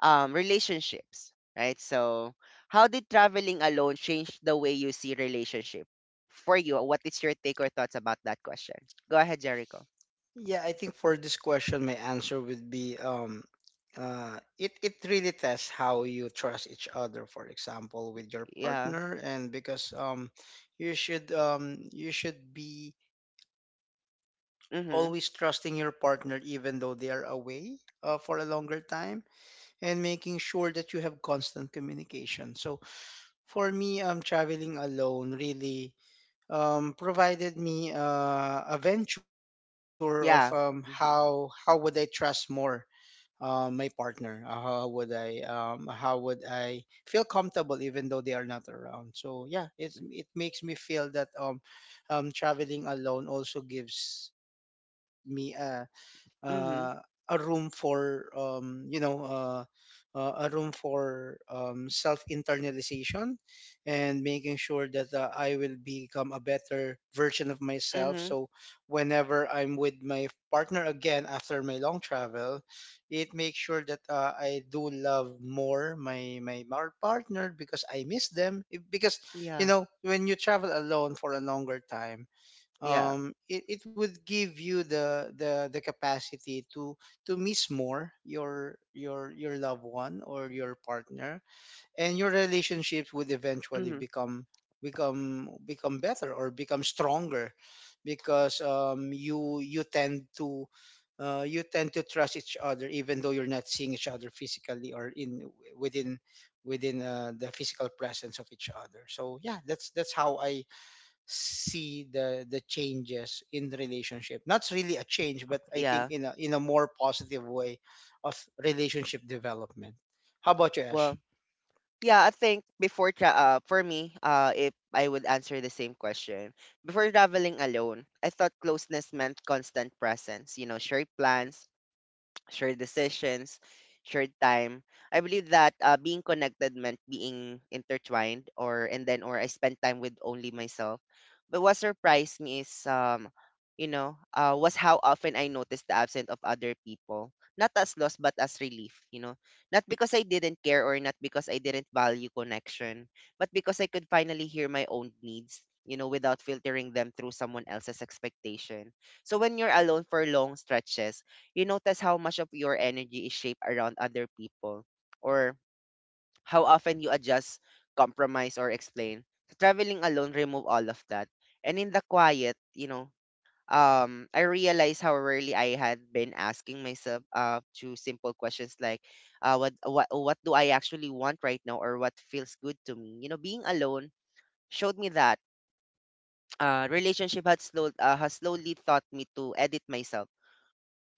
um, relationships, right? So how did traveling alone change the way you see relationship for you? What is your take or thoughts about that question? Go ahead, Jericho.
Yeah, I think for this question my answer would be um uh it it really tests how you trust each other, for example, with your
Yeah.
partner. And because um you should um you should be
Mm-hmm.
always trusting your partner even though they are away uh, for a longer time, and making sure that you have constant communication. So for me, um traveling alone really um, provided me uh, a venture of um,
Yeah.
how how
Mm-hmm.
would I trust more uh, my partner? Uh, How would I — um, how would I feel comfortable even though they are not around? So yeah, it's
Mm-hmm.
it makes me feel that um, um, traveling alone also gives me a — uh, a
Mm-hmm.
room for um, you know uh, uh, a room for um, self internalization, and making sure that uh, I will become a better version of myself.
Mm-hmm.
So whenever I'm with my partner again after my long travel, it makes sure that uh, I do love more my my mar- partner, because I miss them. If- Because you
Yeah.
know, when you travel alone for a longer time,
Yeah.
um it, it would give you the the the capacity to to miss more your your your loved one or your partner, and your relationships would eventually
Mm-hmm.
become — become become better or become stronger, because um you you tend to — uh, you tend to trust each other even though you're not seeing each other physically, or in — within within uh, the physical presence of each other. So yeah, that's that's how I see the — the changes in the relationship. Not really a change, but I think
Yeah.
in a — in a more positive way of relationship development. How about you, Ash?
Well. Yeah, I think before tra- uh, for me, uh, if I would answer the same question, before traveling alone, I thought closeness meant constant presence, you know, shared plans, shared decisions, shared time. I believe that uh, being connected meant being intertwined, or and then or I spent time with only myself. But what surprised me is, um, you know, uh, was how often I noticed the absence of other people. Not as loss, but as relief. You know, not because I didn't care or not because I didn't value connection, but because I could finally hear my own needs, you know, without filtering them through someone else's expectation. So when you're alone for long stretches, you notice how much of your energy is shaped around other people, or how often you adjust, compromise, or explain. So traveling alone remove all of that. And in the quiet, you know, um, I realized how rarely I had been asking myself uh, to simple questions like, uh, what, what, what do I actually want right now, or what feels good to me? You know, being alone showed me that uh, relationship had, slow, uh, has slowly taught me to edit myself,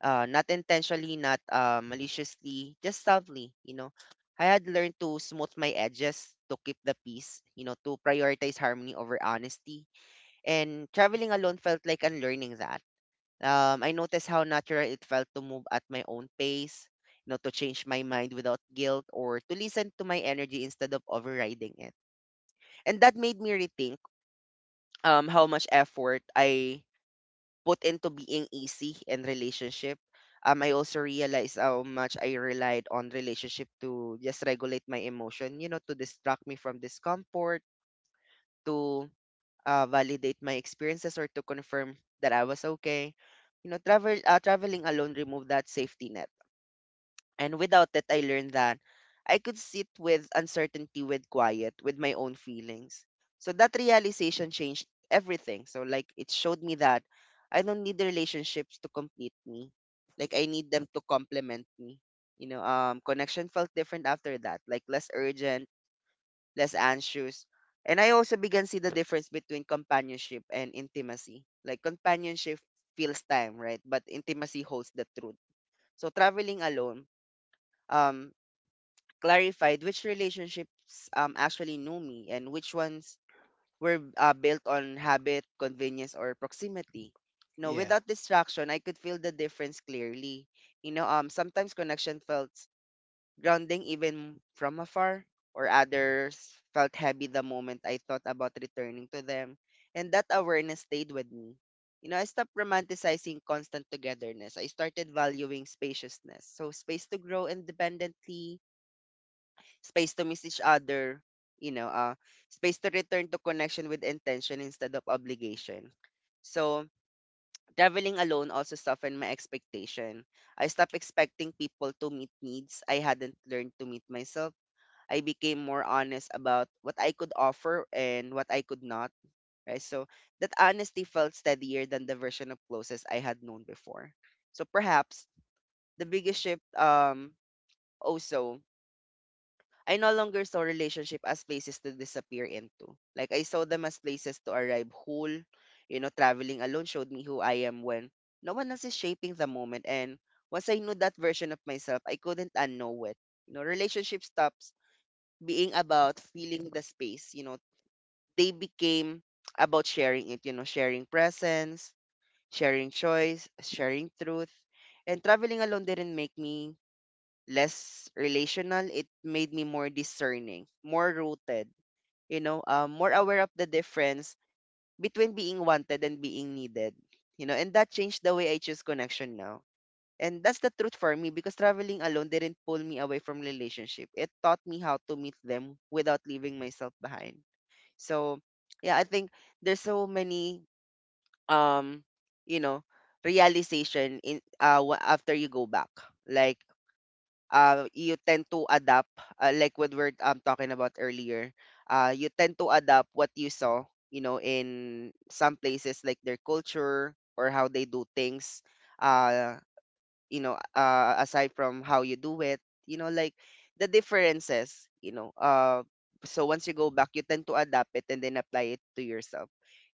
uh, not intentionally, not uh, maliciously, just softly, you know. I had learned to smooth my edges to keep the peace, you know, to prioritize harmony over honesty. And traveling alone felt like unlearning that. Um, I noticed how natural it felt to move at my own pace, you know, to change my mind without guilt, or to listen to my energy instead of overriding it. And that made me rethink um, how much effort I put into being easy in relationship. Um, I also realized how much I relied on relationship to just regulate my emotion, you know, to distract me from discomfort, to uh, validate my experiences, or to confirm that I was okay. You know, travel uh, traveling alone removed that safety net, and without it, I learned that I could sit with uncertainty, with quiet, with my own feelings. So that realization changed everything. So, like, it showed me that I don't need the relationships to complete me. Like, I need them to complement me. You know, um, connection felt different after that, like less urgent, less anxious. And I also began to see the difference between companionship and intimacy. Like, companionship feels time, right? But intimacy holds the truth. So, traveling alone, um clarified which relationships um, actually knew me, and which ones were uh, built on habit, convenience, or proximity. You know,
yeah,
without distraction, I could feel the difference clearly. You know, um, sometimes connection felt grounding even from afar, or others felt heavy the moment I thought about returning to them. And that awareness stayed with me. You know, I stopped romanticizing constant togetherness. I started valuing spaciousness. So, space to grow independently, space to miss each other, you know, uh, space to return to connection with intention instead of obligation. So, traveling alone also softened my expectation. I stopped expecting people to meet needs I hadn't learned to meet myself. I became more honest about what I could offer and what I could not. Right? So, that honesty felt steadier than the version of closest I had known before. So, perhaps the biggest shift, um, also, I no longer saw relationship as places to disappear into. Like I saw them as places to arrive whole. You know, traveling alone showed me who I am when no one else is shaping the moment. And once I knew that version of myself, I couldn't unknow it. You know, relationship stops being about feeling the space. You know, they became about sharing it. You know, sharing presence, sharing choice, sharing truth. And traveling alone didn't make me less relational, it made me more discerning, more rooted, you know, um, more aware of the difference between being wanted and being needed, you know, and that changed the way I choose connection now. And that's the truth for me, because traveling alone didn't pull me away from relationship. It taught me how to meet them without leaving myself behind. So, yeah, I think there's so many um, you know, realization in uh wa- after you go back. Like uh, you tend to adapt, uh, like what we're um, talking about earlier, uh, you tend to adapt what you saw, you know, in some places, like their culture or how they do things. Uh, you know, uh aside from how you do it, you know, like the differences, you know, uh so once you go back you tend to adapt it and then apply it to yourself,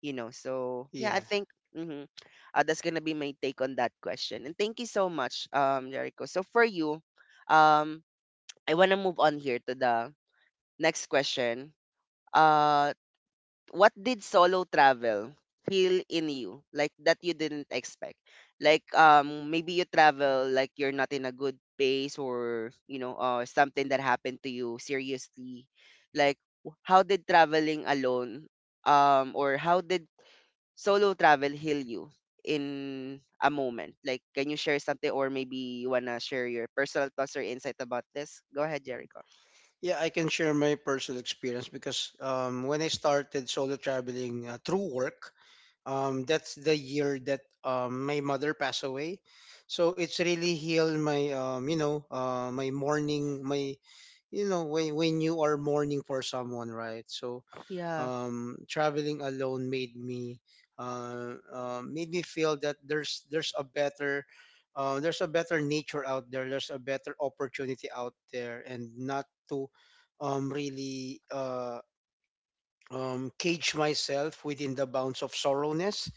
you know. So yeah, I
yeah.
think, hmm, uh, that's gonna be my take on that question, and thank you so much, um Jericho. So for you, um I want to move on here to the next question. Uh, what did solo travel feel in you like that you didn't expect? Like um maybe you travel like you're not in a good pace, or you know, uh, something that happened to you seriously, like w- how did traveling alone um or how did solo travel heal you in a moment? Like can you share something, or maybe you wanna share your personal thoughts or insight about this? Go ahead, Jericho.
Yeah, I can share my personal experience because um when I started solo traveling uh, through work, um that's the year that um my mother passed away. So it's really healed my um you know uh my mourning, my, you know, when when you are mourning for someone, right? So
Yeah.
um, traveling alone made me — uh, uh, made me feel that there's there's a better — uh, there's a better nature out there. There's a better opportunity out there, and not to um, really uh, um, cage myself within the bounds of sorrowness.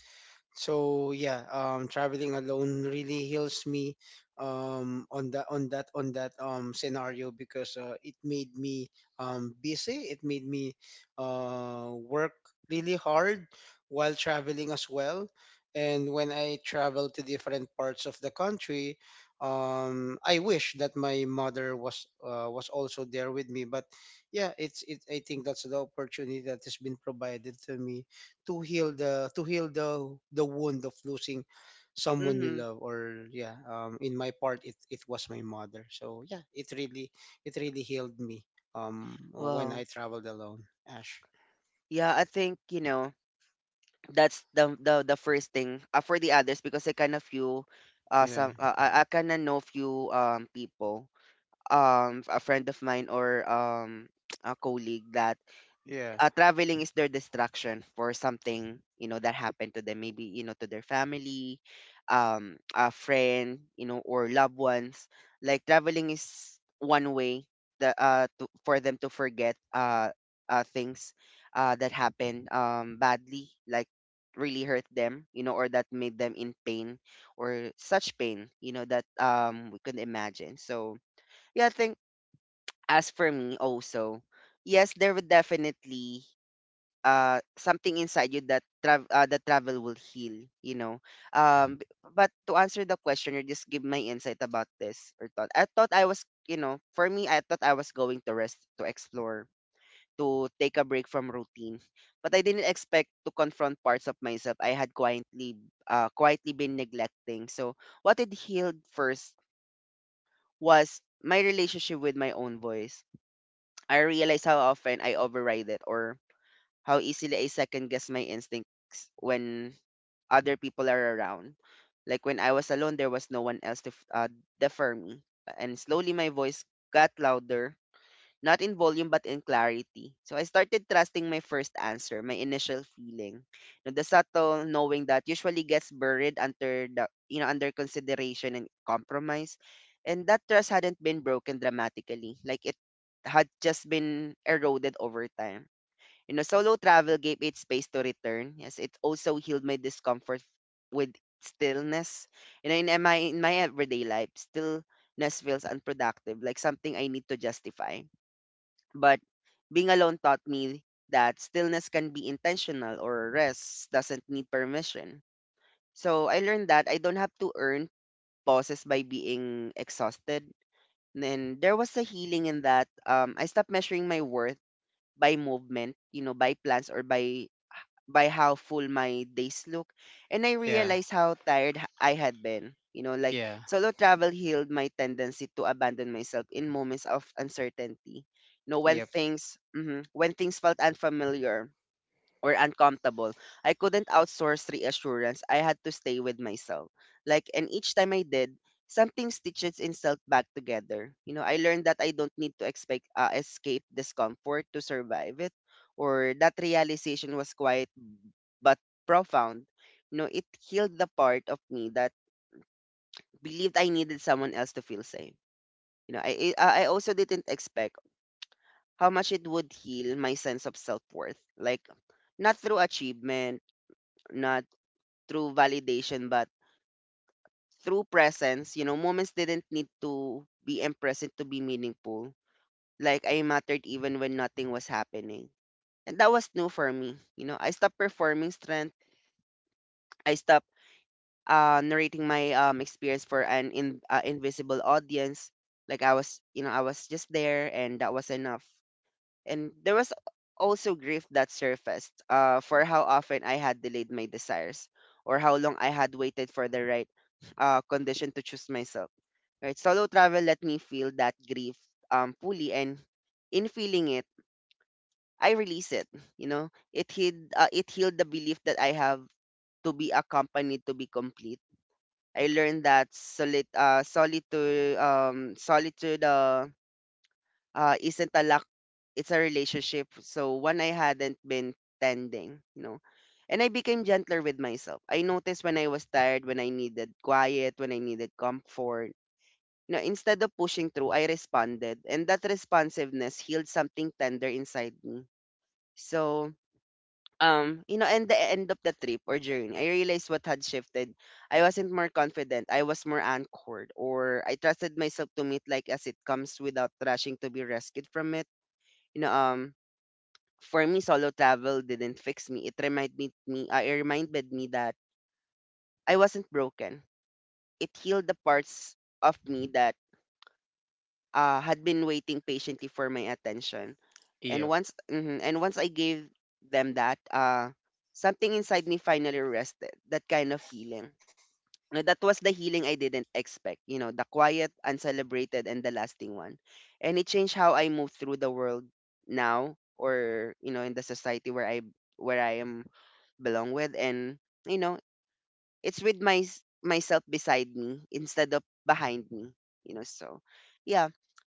So yeah, um, traveling alone really heals me um, on that on that on that um, scenario, because uh, it made me um, busy. It made me uh, work really hard while traveling as well. And when I travel to different parts of the country, um, I wish that my mother was — uh, was also there with me. But yeah, it's it. I think that's the opportunity that has been provided to me to heal the — to heal the the wound of losing someone you
Mm-hmm.
love. Or yeah, um in my part, it it was my mother. So yeah, it really — it really healed me um when I
Well.
traveled alone, Ash.
Yeah, I think, you know, that's the the the first thing. uh, for the others, because I kind of few, uh
Yeah,
some uh, I, I kind of know few um people, um a friend of mine, or um a colleague, that
yeah,
uh, traveling is their distraction for something, you know, that happened to them, maybe, you know, to their family, um a friend, you know, or loved ones. Like traveling is one way that uh to, for them to forget uh, uh things uh that happened um badly, like really hurt them, you know, or that made them in pain, or such pain, you know, that um we could imagine. So yeah, I think, as for me also, yes, there would definitely uh something inside you that travel uh, that travel will heal, you know. um b- but to answer the question, or just give my insight about this or thought, I thought I was, you know, for me, I thought I was going to rest, to explore, to take a break from routine, but I didn't expect to confront parts of myself I had quietly, uh quietly been neglecting. So what it healed first was my relationship with my own voice. I realized how often I override it, or how easily I second guess my instincts when other people are around. Like when I was alone, there was no one else to f- uh, defer me. And slowly my voice got louder, not in volume but in clarity. So I started trusting my first answer, my initial feeling. Now, the subtle knowing that usually gets buried under the, you know, under consideration and compromise. And that trust hadn't been broken dramatically. Like it had just been eroded over time you know, Solo travel gave it space to return. Yes, it also healed my discomfort with stillness. You know, in my in my everyday life, stillness feels unproductive, like something I need to justify. But being alone taught me that stillness can be intentional or rest doesn't need permission. So I learned that I don't have to earn pauses by being exhausted. And there was a healing in that um, I stopped measuring my worth by movement, you know, by plans or by by how full my days look, and I
yeah,
realized how tired h- I had been. You know, like
yeah,
solo travel healed my tendency to abandon myself in moments of uncertainty. You know, when
yep,
things mhm, when things felt unfamiliar or uncomfortable, I couldn't outsource reassurance. I had to stay with myself. Like, and each time I did, something stitches itself back together. You know, I learned that I don't need to expect uh, escape discomfort to survive it, or that realization was quite but profound. You know, it healed the part of me that believed I needed someone else to feel safe. You know, I I I also didn't expect how much it would heal my sense of self-worth. Like not through achievement, not through validation, but through presence. You know, moments didn't need to be impressive to be meaningful. Like I mattered even when nothing was happening. And that was new for me. You know, I stopped performing strength. I stopped uh, narrating my um, experience for an in, uh, invisible audience. Like I was, you know, I was just there, and that was enough. And there was also grief that surfaced uh, for how often I had delayed my desires, or how long I had waited for the right uh, condition to choose myself. Right, solo travel let me feel that grief um fully, and in feeling it, I release it. You know, it healed uh, it healed the belief that I have to be accompanied to be complete. I learned that solit uh, solitude um solitude uh, uh isn't a lack, it's a relationship. So one I hadn't been tending, you know. And I became gentler with myself. I noticed when I was tired, when I needed quiet, when I needed comfort. You know, instead of pushing through, I responded, and that responsiveness healed something tender inside me. So um, you know, and the end of the trip or journey, I realized what had shifted. I wasn't more confident. I was more anchored, or I trusted myself to meet like as it comes without rushing to be rescued from it. You know, um, for me, solo travel didn't fix me. It reminded me, me uh, it reminded me that I wasn't broken. It healed the parts of me that uh, had been waiting patiently for my attention. And
yep.
once mhm, and once I gave them that, uh, something inside me finally rested. That kind of feeling. Now, that was the healing I didn't expect. You know, the quiet, uncelebrated, and the lasting one. And it changed how I move through the world now, or you know, in the society where I where I am belong with, and you know, it's with my s- myself beside me instead of behind me. You know, so yeah.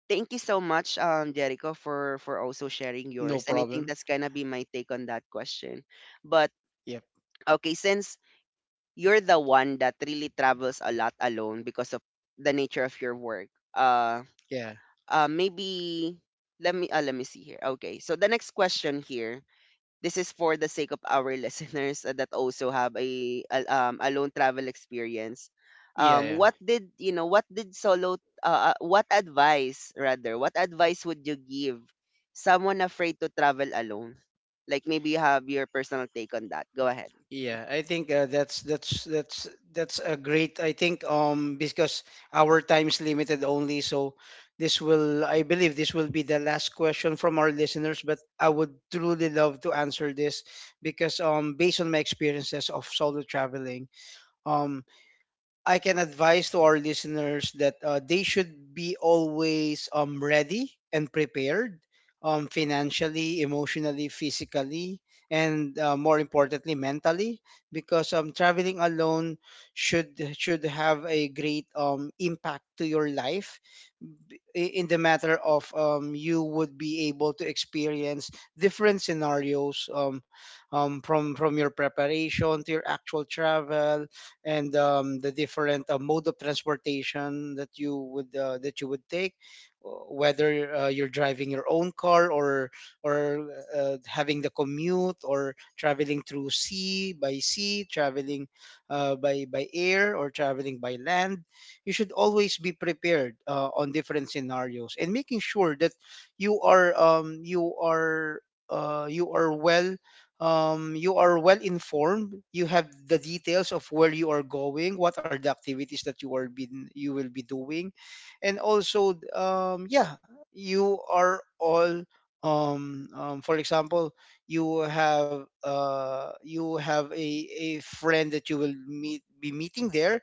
Thank you so much, um, Jericho, for for also sharing
No
yours. And I
problem.
think that's gonna be my take on that question. But
Yep.
okay, since you're the one that really travels a lot alone because of the nature of your work, uh,
Yeah,
uh, maybe let me uh, let me see here. Okay, so the next question here, this is for the sake of our listeners uh, that also have a, a um alone travel experience.
yeah,
Um,
yeah.
what did you know? What did solo? Uh, uh, what advice rather? What advice would you give someone afraid to travel alone? Like maybe you have your personal take on that. Go ahead.
Yeah, I think uh, that's that's that's that's a great. I think um because our time is limited only, so this will I believe this will be the last question from our listeners. But I would truly love to answer this because um based on my experiences of solo traveling, um I can advise to our listeners that uh, they should be always um, ready and prepared, um, financially, emotionally, physically, and uh, more importantly, mentally, because um, traveling alone should should have a great um, impact to your life, b- i- in the matter of, um, you would be able to experience different scenarios, um, um, from from your preparation to your actual travel, and um, the different uh, mode of transportation that you would — uh, that you would take, uh, whether uh, you're driving your own car, or — or uh, having the commute, or traveling through sea by sea, traveling uh, by — by air, or traveling by land. You should always be prepared uh, on different scenarios, and making sure that you are — um, you are uh, you are well um, you are well informed. You have the details of where you are going, what are the activities that you are been — you will be doing, and also um, yeah, you are all um, um, for example, you have — uh, you have a, a friend that you will meet — be meeting there.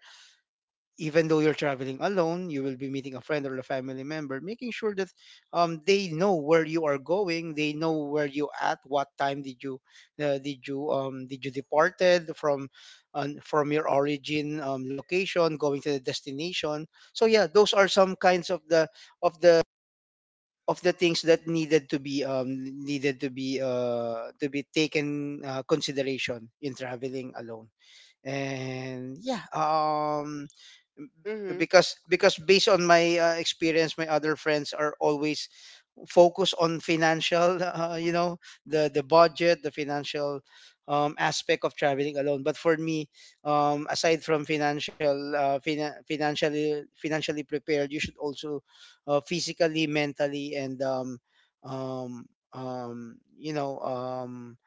Even though you're traveling alone, you will be meeting a friend or a family member, making sure that um, they know where you are going, they know where you at, what time did you — uh, did you um, did you departed from um, from your origin um, location, going to the destination. So yeah, those are some kinds of the — of the of the things that needed to be — um, needed to be uh, to be taken uh, consideration in traveling alone. And yeah, um
Mm-hmm.
because because based on my uh, experience, my other friends are always focused on financial uh, you know the — the budget, the financial um, aspect of traveling alone. But for me, um, aside from financial — uh, fina- financially financially prepared, you should also uh, physically, mentally, and um, um, um, you know um,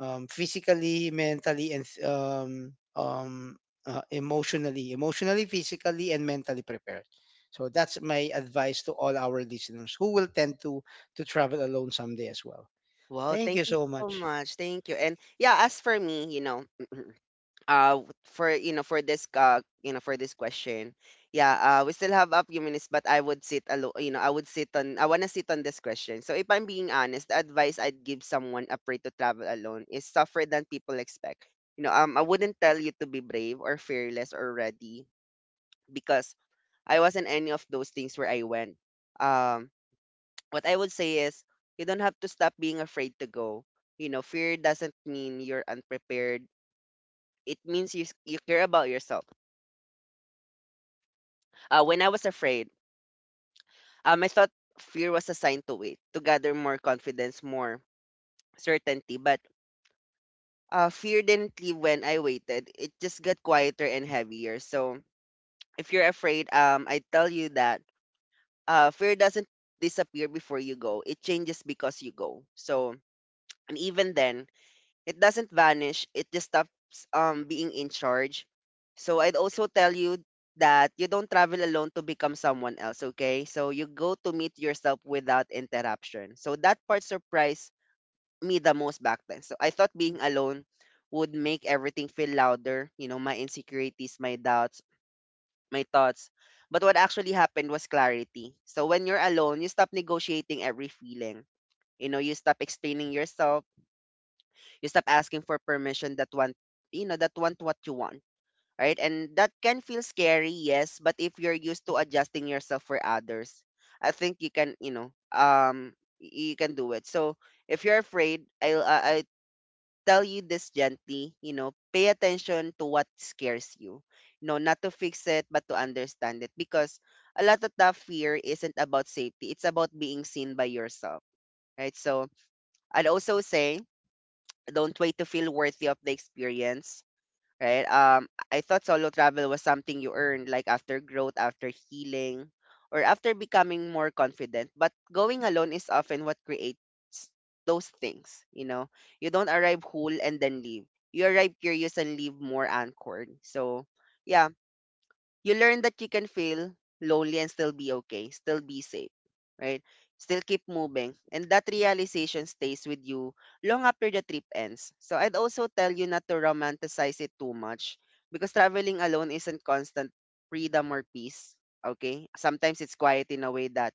um, physically, mentally, and um, um, uh, emotionally, emotionally, physically, and mentally prepared. So that's my advice to all our listeners who will tend to — to travel alone someday as well.
Well,
Thank you
thank you
so
so
much.
much. Thank you. And yeah, as for me, you know. uh w- for you know for this uh you know for this question, yeah, uh we still have a few minutes, but I would sit alone, you know. i would sit on I want to sit on this question. So if I'm being honest, the advice I'd give someone afraid to travel alone is tougher than people expect. You know um I wouldn't tell you to be brave or fearless or ready, because I wasn't any of those things where I went. um what I would say is you don't have to stop being afraid to go. You know, fear doesn't mean you're unprepared. It means you, s- you care about yourself. Uh, when I was afraid, um, I thought fear was a sign to wait, to gather more confidence, more certainty. But uh, fear didn't leave when I waited. It just got quieter and heavier. So if you're afraid, um, I tell you that uh, fear doesn't disappear before you go. It changes because you go. So and even then, it doesn't vanish, it just stops um being in charge. So I'd also tell you that you don't travel alone to become someone else, okay? So you go to meet yourself without interruption. So that part surprised me the most back then. So I thought being alone would make everything feel louder, you know, my insecurities, my doubts, my thoughts. But what actually happened was clarity. So when you're alone, you stop negotiating every feeling. You know, you stop explaining yourself. You stop asking for permission that want, you know, that want what you want, right? And that can feel scary, yes, but if you're used to adjusting yourself for others, I think you can, you know, um y- you can do it. So if you're afraid, i'll i, I tell you this gently. You know, pay attention to what scares you, you know, not to fix it but to understand it, because a lot of that fear isn't about safety, it's about being seen by yourself, right? So I'd also say don't wait to feel worthy of the experience, right? um I thought solo travel was something you earned, like after growth, after healing, or after becoming more confident. But going alone is often what creates those things, you know. You don't arrive whole and then leave. You arrive curious and leave more anchored. So yeah, you learn that you can feel lonely and still be okay, still be safe, right? Still keep moving. And that realization stays with you long after the trip ends. So I'd also tell you not to romanticize it too much, because traveling alone isn't constant freedom or peace, okay? Sometimes it's quiet in a way that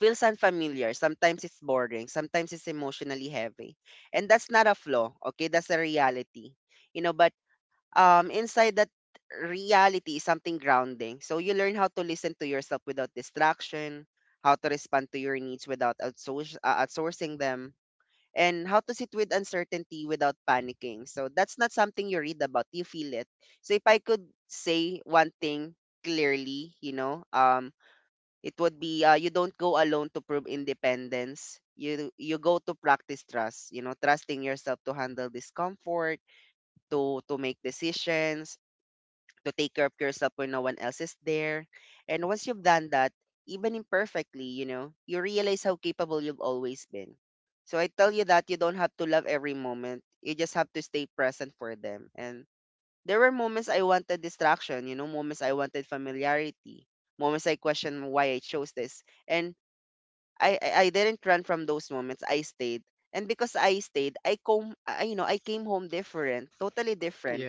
feels unfamiliar. Sometimes it's boring. Sometimes it's emotionally heavy. And that's not a flaw, okay? That's a reality. You know, by um, inside that reality is something grounding. So you learn how to listen to yourself without distraction, how to respond to your needs without outsource, uh, outsourcing them, and how to sit with uncertainty without panicking. So that's not something you read about, you feel it. So if I could say one thing clearly, you know, um, it would be uh, you don't go alone to prove independence. You you go to practice trust, you know, trusting yourself to handle discomfort, to to make decisions, to take care of yourself when no one else is there. And once you've done that, even imperfectly, you know, you realize how capable you've always been. So I tell you that you don't have to love every moment. You just have to stay present for them. And there were moments I wanted distraction, you know, moments I wanted familiarity, moments I questioned why I chose this. And I, I, I didn't run from those moments. I stayed. And because I stayed, I come I, you know, I came home different, totally different,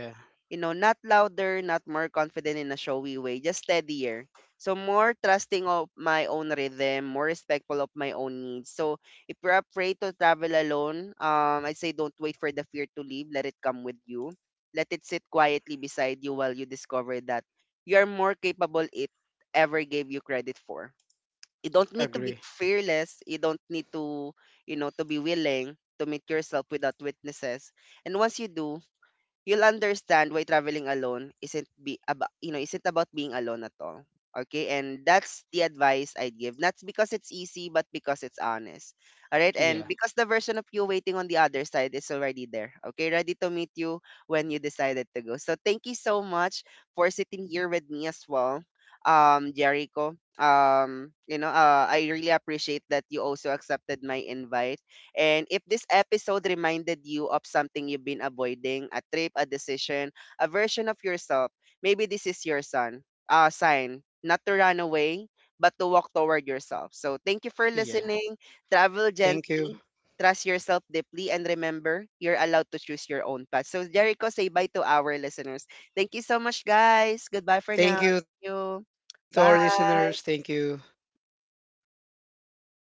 you know,
Yeah,
not louder, not more confident in a showy way, just steadier. So more trusting of my own rhythm, more respectful of my own needs. So if you're afraid to travel alone, um, I say don't wait for the fear to leave. Let it come with you. Let it sit quietly beside you while you discover that you're more capable it ever gave you credit for. You don't need to be fearless.
agree.
You don't need to, you know, to be willing to meet yourself without witnesses. And once you do, you'll understand why traveling alone isn't be about you know isn't about being alone at all, okay? And that's the advice I'd give, not because it's easy but because it's honest, all right? And because the version of
Yeah,
you waiting on the other side is already there, okay, ready to meet you when you decided to go. So thank you so much for sitting here with me as well, um Jericho. um you know uh, I really appreciate that you also accepted my invite. And if this episode reminded you of something you've been avoiding, a trip, a decision, a version of yourself, maybe this is your son, uh, sign not to run away, but to walk toward yourself. So thank you for listening. Travel
yeah.
gently, trust
Thank you.
yourself deeply, and remember, you're allowed to choose your own path. So Jericho, say bye to our listeners. Thank you so much, guys. Goodbye for now. Thank you.
Thank you to our listeners.
Bye.
Thank you. Bye bye.